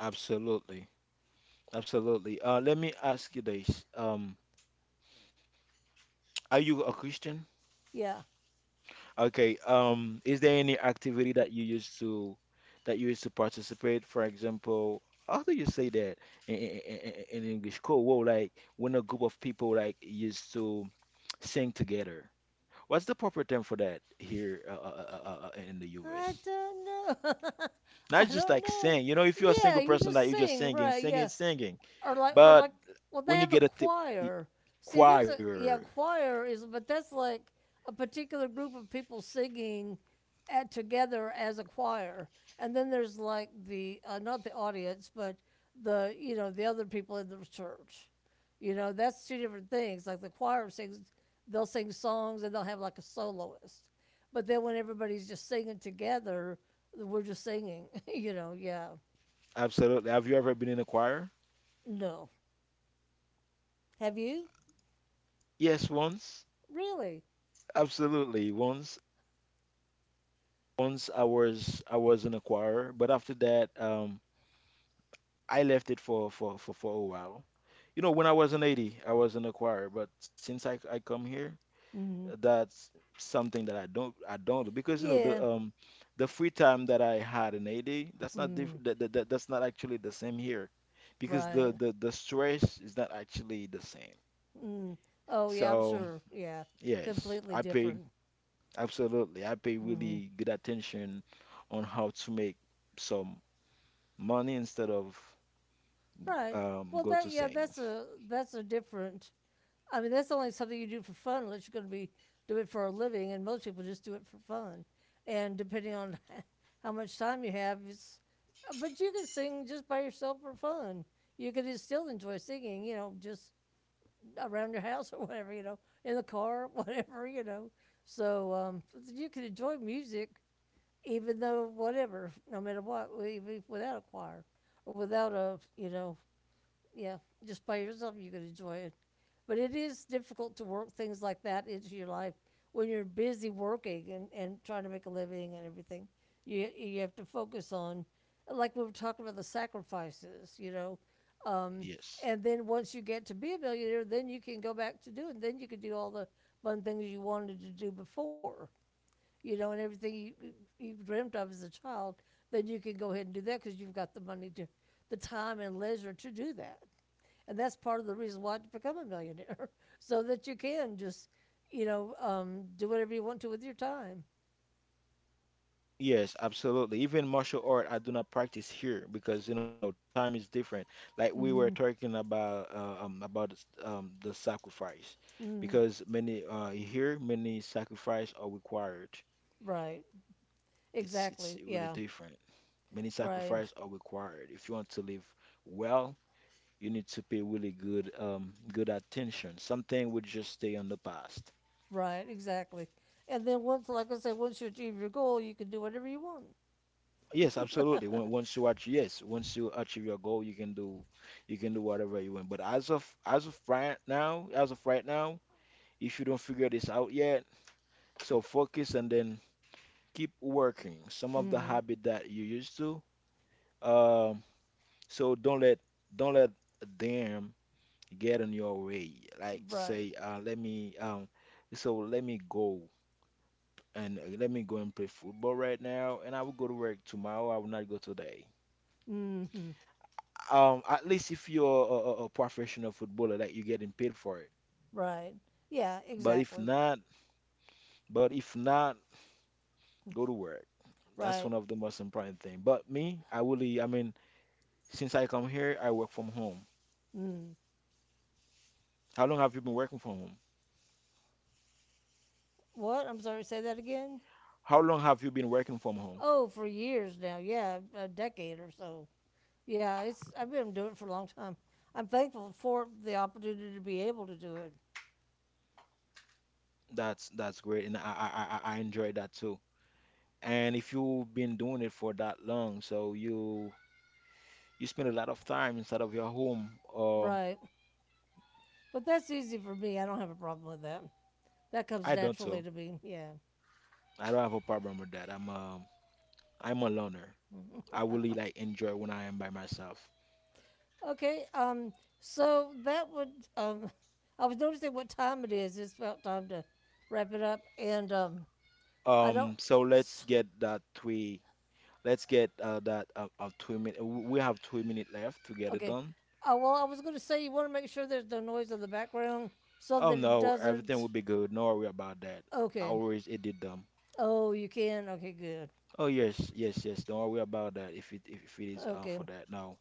Speaker 1: Absolutely, absolutely. Let me ask you this. Are you a Christian?
Speaker 2: Yeah.
Speaker 1: Okay. Is there any activity that you used to participate? For example, how do you say that in English? Cool. Well, like when a group of people like used to sing together. What's the proper term for that here in the
Speaker 2: I
Speaker 1: US?
Speaker 2: don't know. <laughs> I
Speaker 1: Not just
Speaker 2: don't
Speaker 1: like
Speaker 2: know.
Speaker 1: sing. If you're a
Speaker 2: Yeah,
Speaker 1: single
Speaker 2: you
Speaker 1: person, like
Speaker 2: just
Speaker 1: you're just
Speaker 2: sing,
Speaker 1: singing,
Speaker 2: right?
Speaker 1: singing,
Speaker 2: Yeah,
Speaker 1: singing.
Speaker 2: or like, or
Speaker 1: But
Speaker 2: like, well, they
Speaker 1: when you
Speaker 2: have a
Speaker 1: get a th
Speaker 2: choir. See, there's a,
Speaker 1: choir,
Speaker 2: yeah, choir is, but that's like a particular group of people singing at together as a choir. And then there's like the not the audience, but the you know, the other people in the church, you know. That's two different things. Like the choir sings, they'll sing songs and they'll have like a soloist, but then when everybody's just singing together, we're just singing, <laughs> you know. Yeah.
Speaker 1: absolutely. Have you ever been in a choir?
Speaker 2: No. Have you?
Speaker 1: Yes, once.
Speaker 2: Really?
Speaker 1: Absolutely, once. Once I was an acquirer, but after that, I left it for a while. You know, when I was an 80, I was an acquirer, but since I come here,
Speaker 2: Mm.
Speaker 1: that's something that I don't do because you know
Speaker 2: Yeah.
Speaker 1: the the free time that I had in AD, that's not diff
Speaker 2: Mm,
Speaker 1: that, that, that that's not actually the same here, because the
Speaker 2: right.
Speaker 1: the the stress is not actually the same.
Speaker 2: Mm. Oh, yeah, I'm
Speaker 1: So
Speaker 2: sure. Yeah.
Speaker 1: yes, I
Speaker 2: Completely
Speaker 1: pay,
Speaker 2: different.
Speaker 1: absolutely, I pay
Speaker 2: Mm.
Speaker 1: really good attention on how to make some money instead of,
Speaker 2: Right. Well,
Speaker 1: go
Speaker 2: that,
Speaker 1: to
Speaker 2: yeah,
Speaker 1: sing.
Speaker 2: that's a, that's a different. I mean, that's only something you do for fun unless you're going to be do it for a living, and most people just do it for fun. And depending on <laughs> how much time you have, it's. But you can sing just by yourself for fun. You can still enjoy singing, you know, just around your house or whatever, you know, in the car, <laughs> whatever, you know. So you can enjoy music even though whatever, no matter what, even without a choir or without a, you know, yeah, just by yourself, you can enjoy it. But it is difficult to work things like that into your life when you're busy working and trying to make a living and everything. You have to focus on, like we were talking about, the sacrifices, you know. Um,
Speaker 1: Yes.
Speaker 2: and then once you get to be a millionaire, then you can go back to doing. Then you can do all the fun things you wanted to do before, you know, and everything you dreamt of as a child. Then you can go ahead and do that because you've got the money to, the time and leisure to do that, and that's part of the reason why to become a millionaire, <laughs> so that you can just, you know, do whatever you want to with your time.
Speaker 1: Yes, absolutely. Even martial art, I do not practice here because you know the time is different. Like we were
Speaker 2: Mm-hmm.
Speaker 1: talking about the sacrifice,
Speaker 2: Mm-hmm.
Speaker 1: because many here, many sacrifice are required.
Speaker 2: Right.
Speaker 1: It's
Speaker 2: Exactly.
Speaker 1: really
Speaker 2: Yeah.
Speaker 1: different. Many
Speaker 2: Right.
Speaker 1: sacrifice are required. If you want to live well, you need to pay really good good attention. Something would just stay on the past.
Speaker 2: Right. Exactly. And then once, like I said, once you achieve your goal, you can do whatever you want.
Speaker 1: Yes, absolutely. When,
Speaker 2: <laughs>
Speaker 1: once you achieve, yes, once you achieve your goal, you can do whatever you want. But as of right now, as of right now, if you don't figure this out yet, so focus and then keep working. Some of the
Speaker 2: Mm.
Speaker 1: habit that you used to, um, so don't let them get in your way. Like to
Speaker 2: Right.
Speaker 1: say, let me, so let me go and let me go and play football right now, and I will go to work tomorrow. I will not go today.
Speaker 2: Mm-hmm.
Speaker 1: At least if you're a professional footballer, that you're getting paid for it.
Speaker 2: Right. Yeah.
Speaker 1: But if
Speaker 2: Exactly.
Speaker 1: not, but if not, go to work.
Speaker 2: Right.
Speaker 1: That's one of the most important thing. But me, I really, I mean, since I come here, I work from home.
Speaker 2: Mm.
Speaker 1: How long have you been working from home?
Speaker 2: What? I'm sorry, say that again.
Speaker 1: How long have you been working from home?
Speaker 2: Oh, for years now. Yeah, a decade or so. Yeah, it's I've been doing it for a long time. I'm thankful for the opportunity to be able to do it.
Speaker 1: That's great, and I enjoy that too. And if you've been doing it for that long, so you spend a lot of time inside of your home. Um,
Speaker 2: Right. But that's easy for me. I don't have a problem with that. That comes
Speaker 1: I don't
Speaker 2: naturally
Speaker 1: so.
Speaker 2: to me. Yeah.
Speaker 1: I don't have a problem with that. I'm I'm a loner.
Speaker 2: <laughs>
Speaker 1: I really like enjoy when I am by myself.
Speaker 2: Okay. So that would um <laughs> I was noticing what time it is. It's about time to wrap it up, and I don't
Speaker 1: So let's
Speaker 2: s-
Speaker 1: get that three. Let's get that two minute. We have two minutes left to get it
Speaker 2: okay.
Speaker 1: done.
Speaker 2: Well, I was going to say you want to make sure there's no noise in the background so
Speaker 1: Oh
Speaker 2: that it
Speaker 1: no, everything
Speaker 2: doesn't.
Speaker 1: will be good. No worry about that. I
Speaker 2: Okay.
Speaker 1: always edit them.
Speaker 2: Oh, you can. Okay, good.
Speaker 1: Oh yes, yes, yes. Don't worry about that. If it is
Speaker 2: Okay.
Speaker 1: for that, no.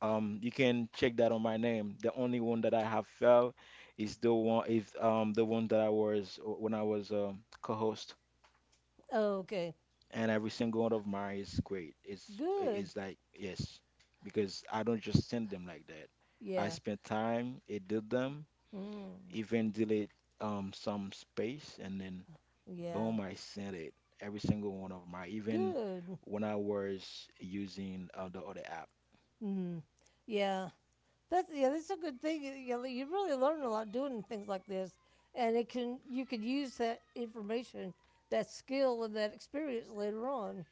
Speaker 1: You can check that on my name. The only one that I have failed is the one that I was when I was co-host.
Speaker 2: Okay.
Speaker 1: And every single one of mine is great. It's
Speaker 2: Good.
Speaker 1: it's like yes, because I don't just send them like that. I
Speaker 2: Yeah.
Speaker 1: spent time, it did them,
Speaker 2: Mm.
Speaker 1: even delete some space, and then
Speaker 2: Yeah.
Speaker 1: boom, I sent it. Every single one of my, even
Speaker 2: Good.
Speaker 1: when I was using the other app.
Speaker 2: Mm. Yeah. That's, yeah, that's a good thing. You know, you really learn a lot doing things like this, and it can you could use that information, that skill, and that experience later on.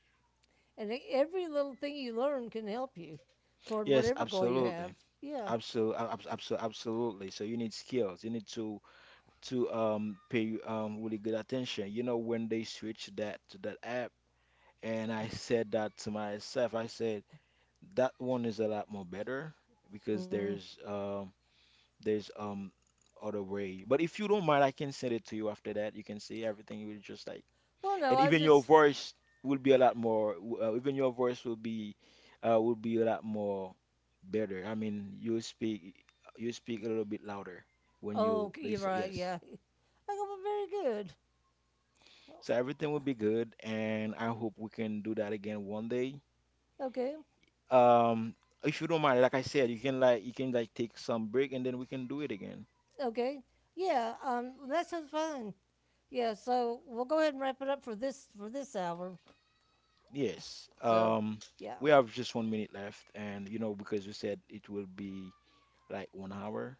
Speaker 2: And every little thing you learn can help you toward
Speaker 1: Yes,
Speaker 2: whatever goal you
Speaker 1: absolutely,
Speaker 2: have. Yeah.
Speaker 1: absolutely, absolutely, absolutely. So you need skills. You need to pay really good attention. You know, when they switch that to that app, and I said that to myself. I said that one is a lot more better because
Speaker 2: Mm.
Speaker 1: there's other way. But if you don't mind, I can send it to you after that. You can see everything. You will just like,
Speaker 2: Well, no,
Speaker 1: and
Speaker 2: I
Speaker 1: even your
Speaker 2: just.
Speaker 1: voice will be a lot more. Even your voice will be a lot more better. I mean, you speak a little bit louder when
Speaker 2: Oh,
Speaker 1: you
Speaker 2: okay, you're
Speaker 1: listen.
Speaker 2: right.
Speaker 1: Yes.
Speaker 2: Yeah. I go, well, very good. Oh.
Speaker 1: So everything will be good, and I hope we can do that again one day.
Speaker 2: Okay.
Speaker 1: Um, if you don't mind, like I said, you can take some break and then we can do it again.
Speaker 2: Okay. Yeah. That sounds fun. Yeah, so we'll go ahead and wrap it up for this hour.
Speaker 1: Yes.
Speaker 2: So, yeah.
Speaker 1: We have just one minute left, and you know because we said it will be like one hour,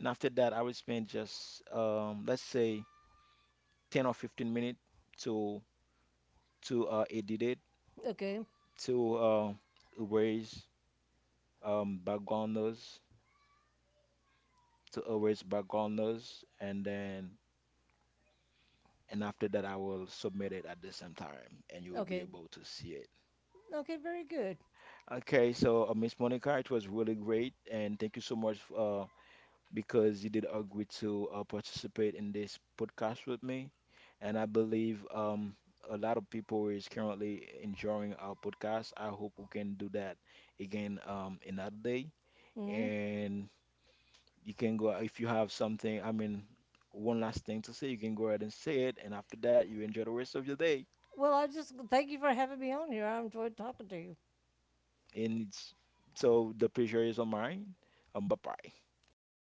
Speaker 1: and after that I will spend just let's say 10 or 15 minutes to edit it
Speaker 2: Okay.
Speaker 1: to erase background noise, to erase background noise, and then and after that I will submit it at the same time, and you will be
Speaker 2: Okay.
Speaker 1: able to see it.
Speaker 2: Okay, very good.
Speaker 1: Okay, so Miss Monica, it was really great, and thank you so much because you did agree to participate in this podcast with me. And I believe a lot of people is currently enjoying our podcast. I hope we can do that again another day.
Speaker 2: Hmm.
Speaker 1: And you can go if you have something, I mean, one last thing to say, you can go ahead and say it. And after that, you enjoy the rest of your day.
Speaker 2: Well, I just thank you for having me on here. I enjoyed talking to you.
Speaker 1: And it's, so the pleasure is on mine. Bye bye.
Speaker 2: Bye-bye.